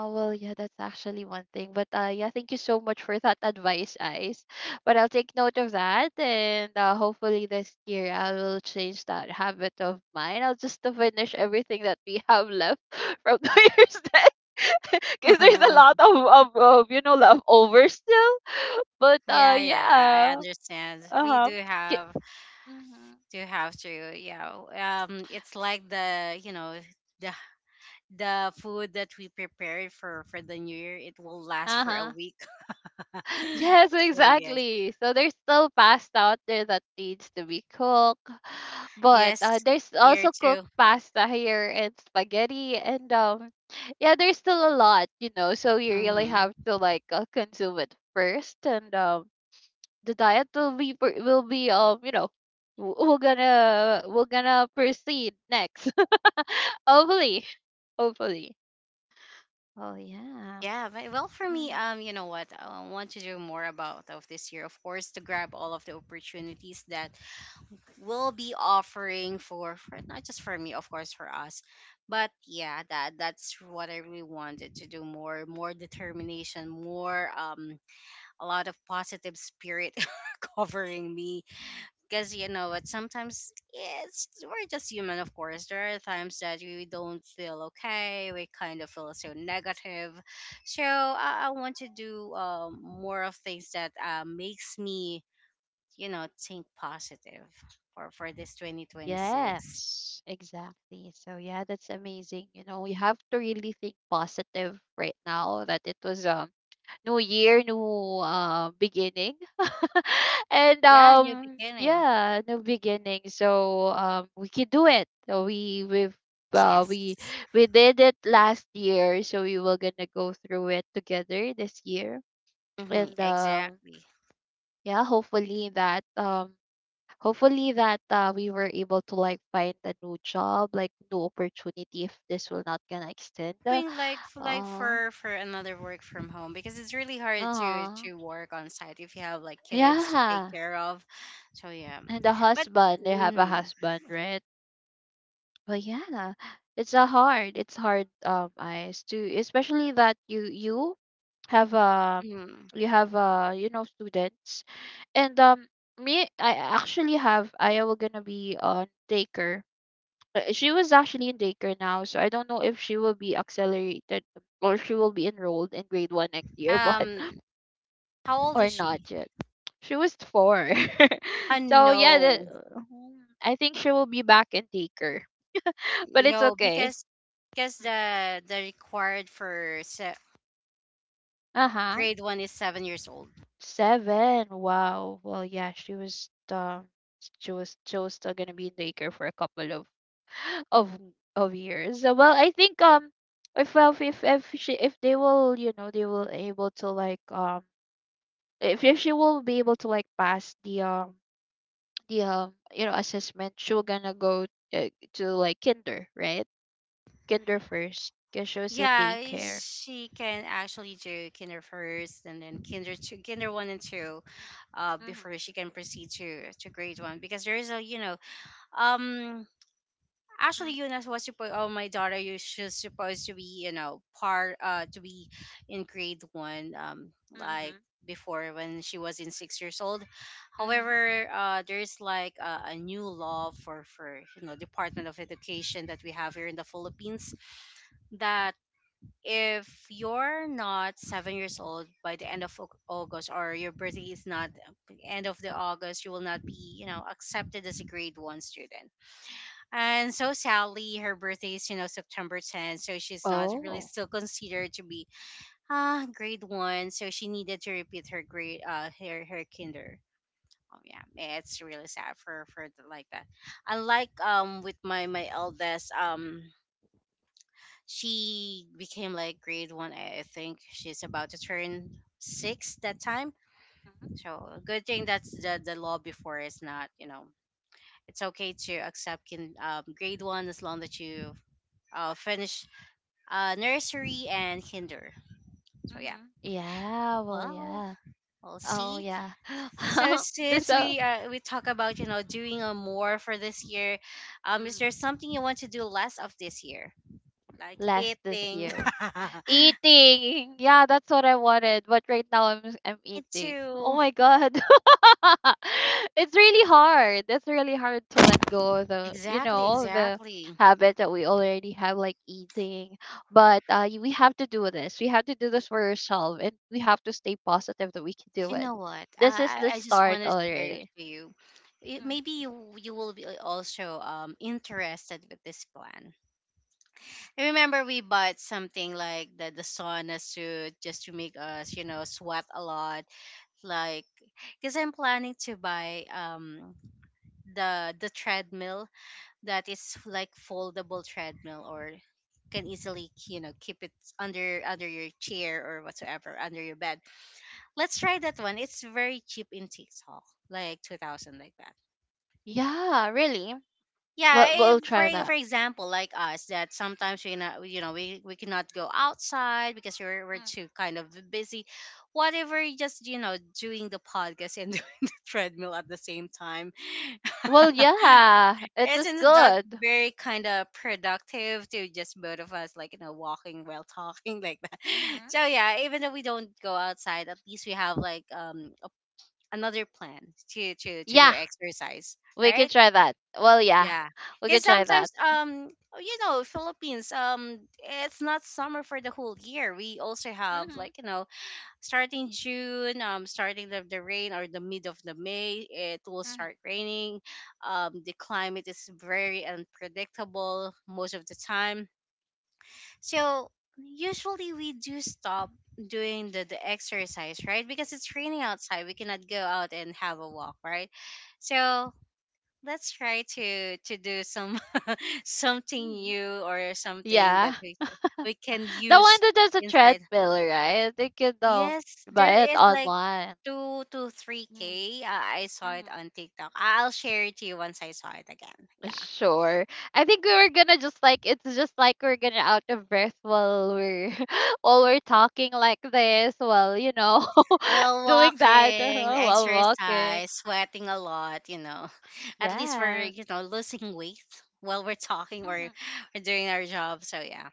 Speaker 2: well, yeah, that's actually one thing. But uh, yeah, thank you so much for that advice, Ice. But I'll take note of that, and uh, hopefully this year I will change that habit of mine. I'll just to finish everything that we have left [laughs] from New Year's Day, [laughs] because there's a lot
Speaker 1: [laughs] yeah,
Speaker 2: of, of of you know leftover still. But uh,
Speaker 1: yeah. I I
Speaker 2: yeah,
Speaker 1: understand.
Speaker 2: uh
Speaker 1: We
Speaker 2: huh,
Speaker 1: do have
Speaker 2: mm-hmm,
Speaker 1: do have to. Yeah. Um, it's like the you know the the food that we prepared for for the new year. It will last
Speaker 2: uh
Speaker 1: for a
Speaker 2: huh.
Speaker 1: week. [laughs]
Speaker 2: Yes,
Speaker 1: So yes,
Speaker 2: exactly. So there's still pasta out there that needs to be cooked, but uh,
Speaker 1: yes.
Speaker 2: there's
Speaker 1: Year
Speaker 2: also cooked
Speaker 1: two.
Speaker 2: pasta here and spaghetti, and um, yeah, there's still a lot, you know. So you really
Speaker 1: Mm-hmm.
Speaker 2: have to like uh, consume it first, and um, the diet will be per- will be um, you know, w- we're gonna we're gonna proceed next. [laughs] Hopefully. Hopefully. Oh yeah.
Speaker 1: Yeah, but well, for me, um, you know what? I want to do more about of this year, of course, to grab all of the opportunities that will be offering for, for, not just for me, of course, for us. But yeah, that that's what I really wanted to do, more, more determination, more, um, a lot of positive spirit [laughs] covering me, because you know what, sometimes it's we're just human, of course. There are times that we don't feel okay, we kind of feel so negative. So i, I want to do, um, more of things that, uh, makes me, you know, think positive for for this twenty twenty-six.
Speaker 2: Yes, exactly. So yeah, that's amazing. You know, you have to really think positive right now, that it was um new year, new uh beginning. [laughs] And
Speaker 1: Yeah, new
Speaker 2: um
Speaker 1: beginning.
Speaker 2: yeah, new beginning. So um we can do it. So we we've uh,
Speaker 1: Yes.
Speaker 2: we we did it last year, so we were gonna go through it together this year.
Speaker 1: Hmm,
Speaker 2: And um
Speaker 1: exactly.
Speaker 2: yeah, hopefully that um hopefully that uh, we were able to like find a new job, like new opportunity if this will not gonna extend uh
Speaker 1: Hoping like for like
Speaker 2: uh
Speaker 1: for for another work from home, because it's really hard to
Speaker 2: uh-huh.
Speaker 1: to work on site if you have like kids to take
Speaker 2: Yeah.
Speaker 1: care of. So yeah,
Speaker 2: And a
Speaker 1: but
Speaker 2: husband, they have a
Speaker 1: mhm,
Speaker 2: husband, right? But yeah, it's a hard it's hard, um eyes, to especially that you you have a
Speaker 1: mhm.
Speaker 2: you have a you know, students, and um me, I actually have I will gonna be on daycare. Uh, She was actually in daycare now, so I don't know if she will be accelerated or she will be enrolled in grade one next year, but
Speaker 1: um,
Speaker 2: [laughs]
Speaker 1: how old
Speaker 2: or
Speaker 1: is she?
Speaker 2: not yet. She was four, [laughs]
Speaker 1: Uh,
Speaker 2: so yeah, the,
Speaker 1: no,
Speaker 2: mhm. I think she will be back in daycare, [laughs] but it's
Speaker 1: no,
Speaker 2: okay.
Speaker 1: because because the the required for se-
Speaker 2: Uh huh.
Speaker 1: grade one is seven years old.
Speaker 2: Seven. Wow. Well, yeah, she was um she was she was still gonna be in daycare for a couple of of of years. So, well, I think um if, well, if if she, if they will you know they will able to like um if, if she will be able to like pass the um the um you know assessment, she will gonna go uh, to like kinder, right? Kinder first because she was in
Speaker 1: Yeah, i-
Speaker 2: daycare.
Speaker 1: she can actually do kinder first and then kinder two, kinder one and two, uh,
Speaker 2: Mhm.
Speaker 1: before she can proceed to to grade one, because there is a, you know, um actually
Speaker 2: Mhm.
Speaker 1: Eunice was supposed, oh, my daughter, you she's supposed to be, you know, part, uh to be in grade one, um like
Speaker 2: Mhm.
Speaker 1: before, when she was in six years old.
Speaker 2: Mhm.
Speaker 1: However, uh there's like a, a new law for for you know Department of Education that we have here in the Philippines, that if you're not seven years old by the end of Au- august, or your birthday is not end of the August, you will not be, you know, accepted as a grade one student. And so Sally, her birthday is, you know, September tenth, so she's not really
Speaker 2: Oh.
Speaker 1: still considered to be ah grade one. So she needed to repeat her grade, uh her her kinder. Oh, yeah. It's really sad for for the, like that. Unlike um with my my eldest, um she became like grade one, I I think. She's about to turn six that time.
Speaker 2: Mhm.
Speaker 1: So good thing, that's the the law before is not, you know, it's okay to accept kin um grade one, as long that you, uh, finish, uh, nursery and kinder. So yeah,
Speaker 2: Mhm. Yeah, well,
Speaker 1: well,
Speaker 2: yeah.
Speaker 1: we'll
Speaker 2: Oh
Speaker 1: see.
Speaker 2: yeah.
Speaker 1: So
Speaker 2: [laughs] This
Speaker 1: since
Speaker 2: uh.
Speaker 1: we uh, we talk about, you know, doing a more for this year, um, is
Speaker 2: Mhm.
Speaker 1: there something you want to do less of this year, like
Speaker 2: Last this
Speaker 1: eating?
Speaker 2: year.
Speaker 1: [laughs]
Speaker 2: Eating. Yeah, that's what I wanted, but right now I'm s- I'm
Speaker 1: Me
Speaker 2: eating. Oh
Speaker 1: too.
Speaker 2: my god. [laughs] It's really hard. It's really hard to let go of the, you
Speaker 1: Exactly,
Speaker 2: know, the
Speaker 1: exactly.
Speaker 2: habit that we already have, like eating. But uh y- we have to do this. We have to do this for yourself, and we have to stay positive that we can do
Speaker 1: You
Speaker 2: it.
Speaker 1: know what?
Speaker 2: This is
Speaker 1: I
Speaker 2: the
Speaker 1: I I just
Speaker 2: start
Speaker 1: want to share it
Speaker 2: already.
Speaker 1: to you. It,
Speaker 2: Mm.
Speaker 1: maybe you you will be, uh, also um interested with this plan. I remember we bought something like the the sauna suit, just to make us, you know, sweat a lot. Like, because I'm planning to buy um the the treadmill, that is like foldable treadmill, or can easily, you know, keep it under under your chair or whatsoever under your bed. Let's try that one. It's very cheap in TikTok, like two thousand like that.
Speaker 2: Yeah, really.
Speaker 1: yeah
Speaker 2: Well,
Speaker 1: eh,
Speaker 2: we'll
Speaker 1: for
Speaker 2: try
Speaker 1: e,
Speaker 2: that.
Speaker 1: for example, like us that sometimes we not you know we, we cannot go outside because we're, we're
Speaker 2: Mm.
Speaker 1: too kind of busy. Whatever, just you know doing the podcast and [laughs] doing the treadmill at the same time.
Speaker 2: Well, yeah, it is
Speaker 1: Isn't that
Speaker 2: good.
Speaker 1: very kind of productive to just both of us, like, you know walking while talking [laughs] like that?
Speaker 2: Hmm.
Speaker 1: So yeah, even though we don't go outside, at least we have, like, um a, another plan to to to do
Speaker 2: Yeah,
Speaker 1: exercise,
Speaker 2: we could
Speaker 1: right?
Speaker 2: try that. Well, yeah,
Speaker 1: Yeah.
Speaker 2: we
Speaker 1: Because
Speaker 2: could try
Speaker 1: sometimes,
Speaker 2: that.
Speaker 1: um, you know, Philippines, um, it's not summer for the whole year. We also have,
Speaker 2: Mm-hmm.
Speaker 1: like, you know, starting June, um, starting of the rain or the mid of the May, it will
Speaker 2: Mm-hmm.
Speaker 1: start raining. Um, the climate is very unpredictable most of the time. So usually we do stop doing the, the exercise, right? Because it's raining outside, we cannot go out and have a walk, right? So let's try to to do some something
Speaker 2: Mm-hmm.
Speaker 1: new or something that
Speaker 2: Yeah, [laughs]
Speaker 1: we we can
Speaker 2: the one
Speaker 1: use
Speaker 2: that has a
Speaker 1: inside.
Speaker 2: treadmill, right? They could um
Speaker 1: Yes, there
Speaker 2: buy it
Speaker 1: is like
Speaker 2: online.
Speaker 1: two to three
Speaker 2: Mm-hmm.
Speaker 1: k. Uh, I saw it
Speaker 2: Mm-hmm.
Speaker 1: on TikTok. I'll share it to you once I saw it again. Yeah.
Speaker 2: Sure. I think we were gonna just like it's just like we're gonna out of breath while we're [laughs] while we're talking like this, while you know, [laughs]
Speaker 1: Well,
Speaker 2: doing that uh,
Speaker 1: walking,
Speaker 2: while walking.
Speaker 1: exercise, sweating a lot. You know, [laughs] at least we're
Speaker 2: Yes.
Speaker 1: you know losing weight while we're talking or
Speaker 2: Mm-hmm.
Speaker 1: we're doing our job. So yeah.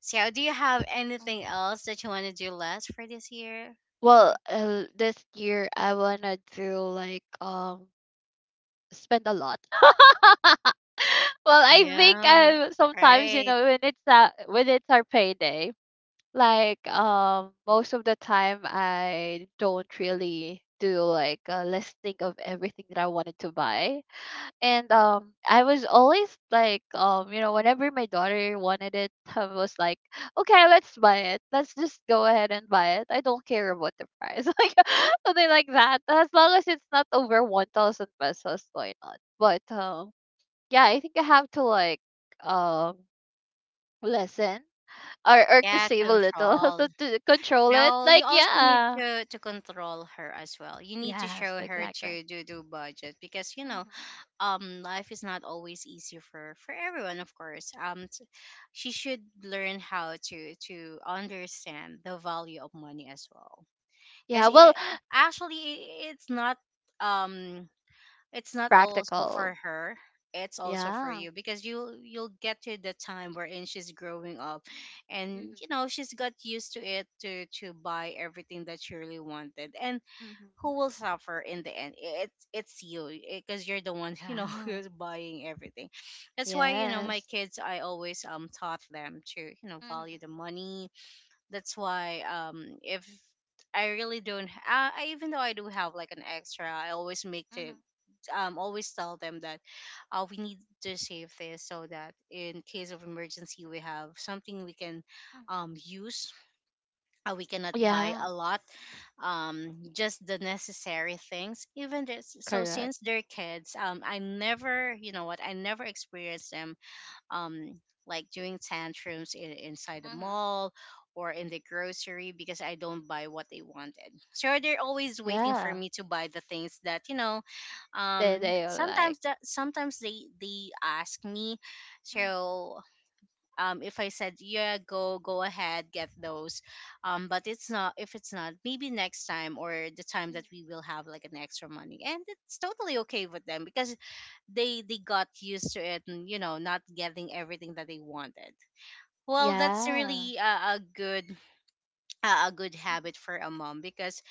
Speaker 1: So do you have anything else that you want to do less for this year?
Speaker 2: Well,
Speaker 1: Like
Speaker 2: uh, this year I wanna do like um spend a lot. [laughs] Well, I think
Speaker 1: yeah,
Speaker 2: um sometimes you
Speaker 1: right.
Speaker 2: know when it's uh, when it's our payday, like um most of the time I don't really do like a listing of everything that I wanted to buy, and um I was always like um you know whenever my daughter wanted it, I was like okay, let's buy it, let's just go ahead and buy it. I don't care about the price, [laughs] like something like that. As long as it's not over one thousand pesos, why not? But um yeah, I think I have to like um lessen or or to
Speaker 1: Yeah,
Speaker 2: save a little [laughs] so
Speaker 1: control.
Speaker 2: to control it.
Speaker 1: No,
Speaker 2: Like,
Speaker 1: you also need
Speaker 2: yeah.
Speaker 1: to to control her as well. You need to
Speaker 2: Yes,
Speaker 1: show her
Speaker 2: exactly.
Speaker 1: to do do budget, because you know,
Speaker 2: Hmm.
Speaker 1: um, life is not always easy for for everyone, of course. Um, t- she should learn how to to understand the value of money as well. Because
Speaker 2: Yeah, well,
Speaker 1: it, actually, i- it's not um it's not also
Speaker 2: practical.
Speaker 1: for her, it's also for
Speaker 2: Yeah.
Speaker 1: you, because you you'll get to the time wherein she's growing up,
Speaker 2: Hmm.
Speaker 1: and you know she's got used to it to to buy everything that she really wanted, and
Speaker 2: Hmm.
Speaker 1: who will suffer in the end? It's it's you, because you're the one, [laughs] you know
Speaker 2: Yeah.
Speaker 1: who's buying everything. That's why, you know my
Speaker 2: Yes.
Speaker 1: kids, I always um taught them to you know
Speaker 2: Hmm.
Speaker 1: value the money. That's why, um if I really don't, uh, I, even though I do have like an extra, I always make the,
Speaker 2: Hmm.
Speaker 1: um always tell them that, uh, we need to save this so that in case of emergency we have something we can,
Speaker 2: Hmm.
Speaker 1: um use. Uh, we cannot buy
Speaker 2: Yeah.
Speaker 1: a lot, um just the necessary things, even this. So
Speaker 2: Correct.
Speaker 1: since they're kids, um I never, you know what, I never experienced them, um, like doing tantrums in, inside the
Speaker 2: Hmm.
Speaker 1: mall or in the grocery, because I don't buy what they wanted. So they're always waiting for
Speaker 2: Yeah.
Speaker 1: me to buy the things that you know.
Speaker 2: They
Speaker 1: Um,
Speaker 2: they are like.
Speaker 1: sometimes that sometimes they they ask me,
Speaker 2: Hmm.
Speaker 1: so, um, if I said yeah, go go ahead, get those. Um, but it's not if it's not maybe next time, or the time
Speaker 2: Hmm.
Speaker 1: that we will have like an extra money, and it's totally okay with them because they they got used to it and you know not getting everything that they wanted. Well, that's
Speaker 2: Yeah.
Speaker 1: really a, a good [sniffs] a, a good
Speaker 2: Hmm.
Speaker 1: habit for a mom, because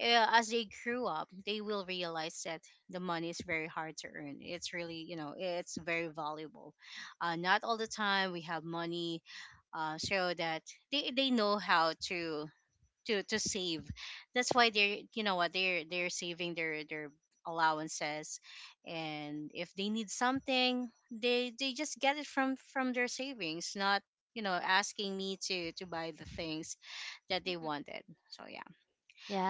Speaker 1: uh, as they grew up they will realize that the money is very hard to earn. It's really, you know it's very valuable. Uh, not all the time we have money. Uh, so that they, they know how to to to save. That's why they're you know what, they're they're saving their their allowances, and if they need something, they they just get it from from their savings, not you know asking me to to buy the things that they
Speaker 2: Hmm.
Speaker 1: wanted. So yeah,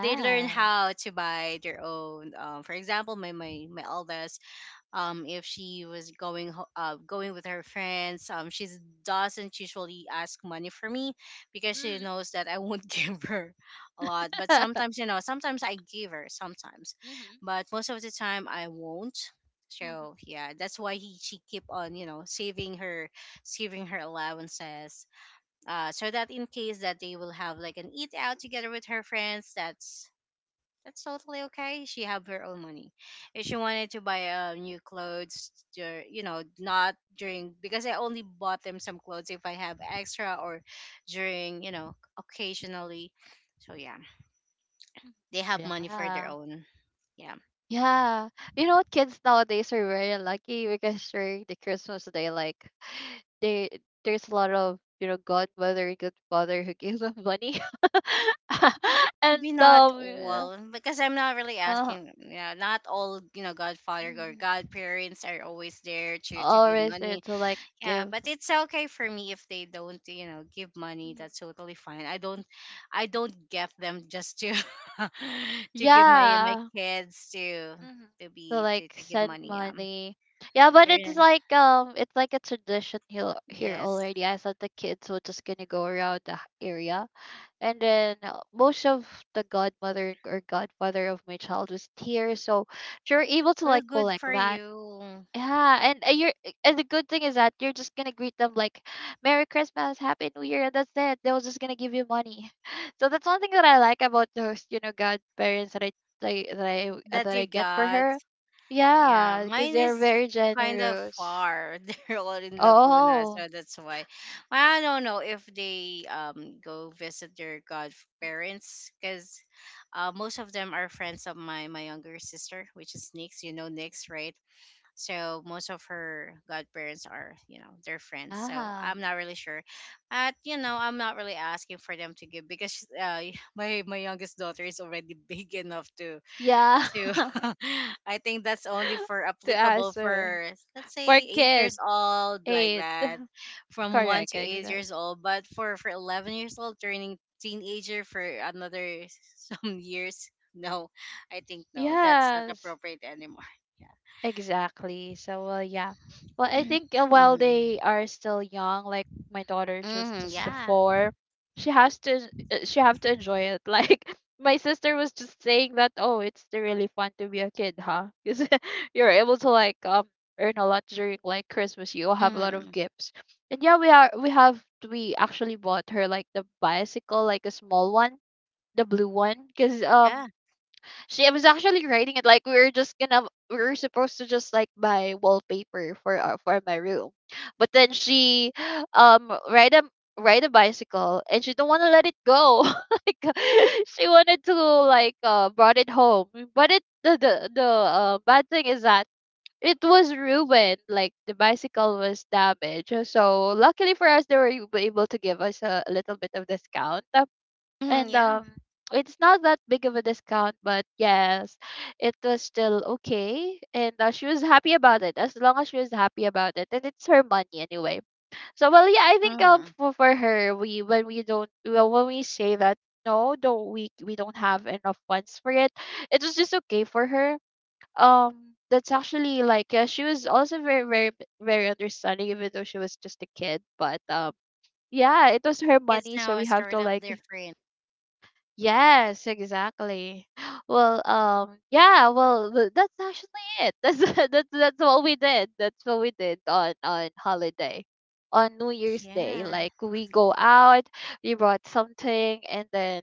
Speaker 1: they learn how to buy their own. Um, for example, my my my eldest, um if she was going ho- uh going with her friends, um she doesn't usually ask money for me because she
Speaker 2: Hmm.
Speaker 1: knows that I won't [laughs] give her a lot, but
Speaker 2: [laughs]
Speaker 1: sometimes, you know sometimes I give her sometimes,
Speaker 2: Hmm.
Speaker 1: but most of the time I won't.
Speaker 2: Hmm.
Speaker 1: So yeah, that's why he, she keep on you know saving her saving her allowances, uh so that in case that they will have like an eat out together with her friends, that's that's totally okay. She have her own money. If she wanted to buy, uh, new clothes, dur- you know, not during, because I only bought them some clothes if I have extra, or during, you know, occasionally. So yeah, they have money for their
Speaker 2: Yeah.
Speaker 1: own. Yeah.
Speaker 2: Yeah. You know what, kids nowadays are very lucky, because during the Christmas day like [sighs] they there's a lot of, you know, godmother, godfather who [laughs] gives them money. [laughs] And
Speaker 1: Maybe not
Speaker 2: um yeah,
Speaker 1: all, because I'm not really
Speaker 2: uh,
Speaker 1: asking. Yeah, not all, you know, Godfather or
Speaker 2: mhm.
Speaker 1: Godparents are always there to to give
Speaker 2: Always there
Speaker 1: money.
Speaker 2: to like
Speaker 1: Yeah,
Speaker 2: give.
Speaker 1: but it's okay for me if they don't, you know, give money.
Speaker 2: Mhm.
Speaker 1: That's totally fine. I don't, I don't get them just to, [laughs] to give my my
Speaker 2: Yeah.
Speaker 1: kids to
Speaker 2: Hmm.
Speaker 1: to
Speaker 2: To
Speaker 1: be to,
Speaker 2: like
Speaker 1: to give
Speaker 2: send
Speaker 1: money. Um,
Speaker 2: money. Yeah, but
Speaker 1: they're
Speaker 2: it's like um it's like a tradition here here
Speaker 1: Yes.
Speaker 2: already. I thought the kids were just gonna go around the h- area, and then uh, most of the godmother or godfather of my child was here, so you're able to
Speaker 1: Well,
Speaker 2: like
Speaker 1: good for
Speaker 2: collect that.
Speaker 1: you
Speaker 2: Yeah. And uh, you're uh, and the good thing is that you're just gonna greet them like merry christmas, happy new year, and that's it, they were just gonna give you money. [laughs] So that's one thing that I like about those, you know, godparents that I like that i uh,
Speaker 1: that
Speaker 2: that
Speaker 1: you
Speaker 2: I get for
Speaker 1: got.
Speaker 2: her.
Speaker 1: Yeah,
Speaker 2: Yeah, because
Speaker 1: mine is
Speaker 2: they're very
Speaker 1: kind of
Speaker 2: generous.
Speaker 1: far. [laughs] They're all in Laguna,
Speaker 2: Oh.
Speaker 1: so that's why. Well, I don't know if they um go visit their
Speaker 2: Mm.
Speaker 1: godparents, because uh, most of them are friends of my my younger sister, which is Nix. You know Nix, right? So most of her godparents are, you know their friends. So
Speaker 2: Yeah.
Speaker 1: I'm not really sure, but you know I'm not really asking for them to give, because uh, [laughs] my my youngest daughter is already big enough to
Speaker 2: Yeah.
Speaker 1: too.
Speaker 2: [laughs]
Speaker 1: [laughs] I think that's only for
Speaker 2: To
Speaker 1: applicable
Speaker 2: answer.
Speaker 1: for, let's
Speaker 2: For
Speaker 1: say, eight
Speaker 2: kids,
Speaker 1: years old like
Speaker 2: eight.
Speaker 1: that,
Speaker 2: [laughs]
Speaker 1: from one
Speaker 2: Correct,
Speaker 1: to eight
Speaker 2: exact.
Speaker 1: years old. But for for eleven years old turning teenager for another [laughs] some years, no, I think no, that's not
Speaker 2: Yes,
Speaker 1: appropriate anymore. [laughs] Yeah.
Speaker 2: exactly. So, well, yeah. Well, I think uh, while
Speaker 1: Mm-hmm.
Speaker 2: they are still young, like my daughter, she was
Speaker 1: Mm-hmm.
Speaker 2: just a
Speaker 1: Yeah.
Speaker 2: four. She has to, uh, she have to enjoy it. [laughs] Like my sister was just saying that, oh, it's really fun to be a kid, huh? [laughs] Because you're able to like um earn a lot during like Christmas. You have a lot of
Speaker 1: Mm-hmm.
Speaker 2: gifts, and yeah, we are we have we actually bought her like the bicycle, like a small one, the blue one, because um
Speaker 1: Yeah.
Speaker 2: she was actually writing it. Like, we were just gonna we were supposed to just like buy wallpaper for our for my room, but then she um ride a ride a bicycle, and she don't want to let it go, [laughs] like uh, she wanted to like uh brought it home. But it the, the, the uh, bad thing is that it was ruined, like the bicycle was damaged, so luckily for us they were able able to give us a, a little bit of discount.
Speaker 1: Mm-hmm.
Speaker 2: And
Speaker 1: Yeah.
Speaker 2: um it's not that big of a discount, but yes, it was still okay. And uh, she was happy about it, as long as she was happy about it, and it's her money anyway. So well yeah, I think um
Speaker 1: Mm-hmm.
Speaker 2: for, for her, we, when we don't, well, when we say that no, don't, we we don't have enough funds for it, it was just okay for her. Um that's actually like, yeah, she was also very very very understanding, even though she was just a kid, but um yeah, it was her
Speaker 1: Kids
Speaker 2: money, so
Speaker 1: now
Speaker 2: we
Speaker 1: are
Speaker 2: have to
Speaker 1: sort of
Speaker 2: like.
Speaker 1: different.
Speaker 2: Yes, exactly. [gasps] Well, um, yeah, well, th- that's actually it. [laughs] That's that's that's what we did. That's what we did on on holiday, on New Year's Day.
Speaker 1: Yeah.
Speaker 2: Like we go out, we brought something, and then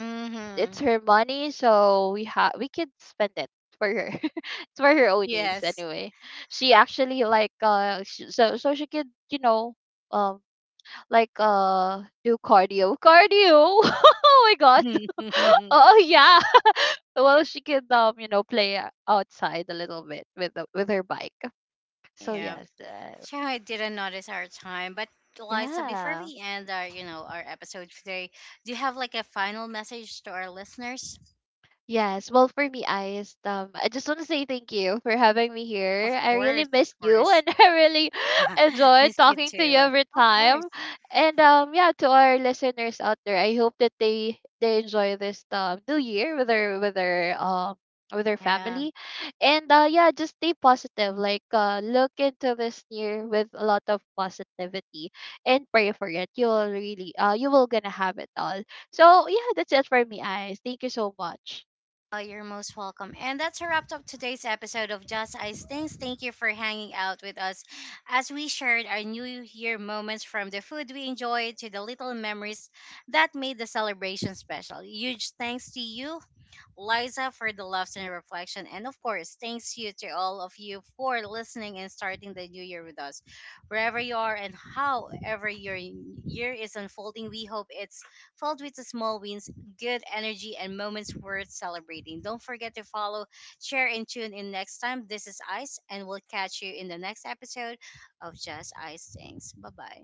Speaker 2: it's
Speaker 1: Mm-hmm.
Speaker 2: her money, so we ha we could spend it for her. [laughs] It's for her own needs
Speaker 1: Yes.
Speaker 2: anyway. She actually like uh, sh so so she could you know um like uh do cardio cardio. [laughs] Oh my god. [laughs]
Speaker 1: [laughs]
Speaker 2: Oh yeah. [laughs] Well, she can um you know play outside a little bit with the, with her bike. So
Speaker 1: yeah.
Speaker 2: yes, uh,
Speaker 1: Sure, I didn't notice our time, but Liza, before
Speaker 2: yeah.
Speaker 1: we end our, you know, our episode today, do you have like a final message to our listeners?
Speaker 2: Yes. Well, for me, Ice, um, I just want to say thank you for having me here.
Speaker 1: Of
Speaker 2: I really
Speaker 1: course, of
Speaker 2: missed you, and
Speaker 1: course.
Speaker 2: [laughs] I really
Speaker 1: [laughs]
Speaker 2: enjoyed
Speaker 1: Miss you
Speaker 2: talking to you
Speaker 1: too.
Speaker 2: every
Speaker 1: Of course.
Speaker 2: time. And um, yeah, to our listeners out there, I hope that they they enjoy this um new year with their with their um with their
Speaker 1: Yeah.
Speaker 2: family, and uh, yeah, just stay positive. Like uh, look into this year with a lot of positivity, and pray for it. You will really uh, you will gonna have it all. So yeah, that's it for me, Ice. Thank you so much.
Speaker 1: Oh, you're most welcome. And that's a wrap up today's episode of Just Ice Things. Thank you for hanging out with us as we shared our New Year moments, from the food we enjoyed to the little memories that made the celebration special. Huge thanks to you, Liza, for the laughs and reflection. And of course, thanks you to all of you for listening and starting the new year with us. Wherever you are and however your year is unfolding, we hope it's filled with the small wins, good energy, and moments worth celebrating. Don't forget to follow, share, and tune in next time. This is Ice, and we'll catch you in the next episode of Just Ice Things. Bye bye.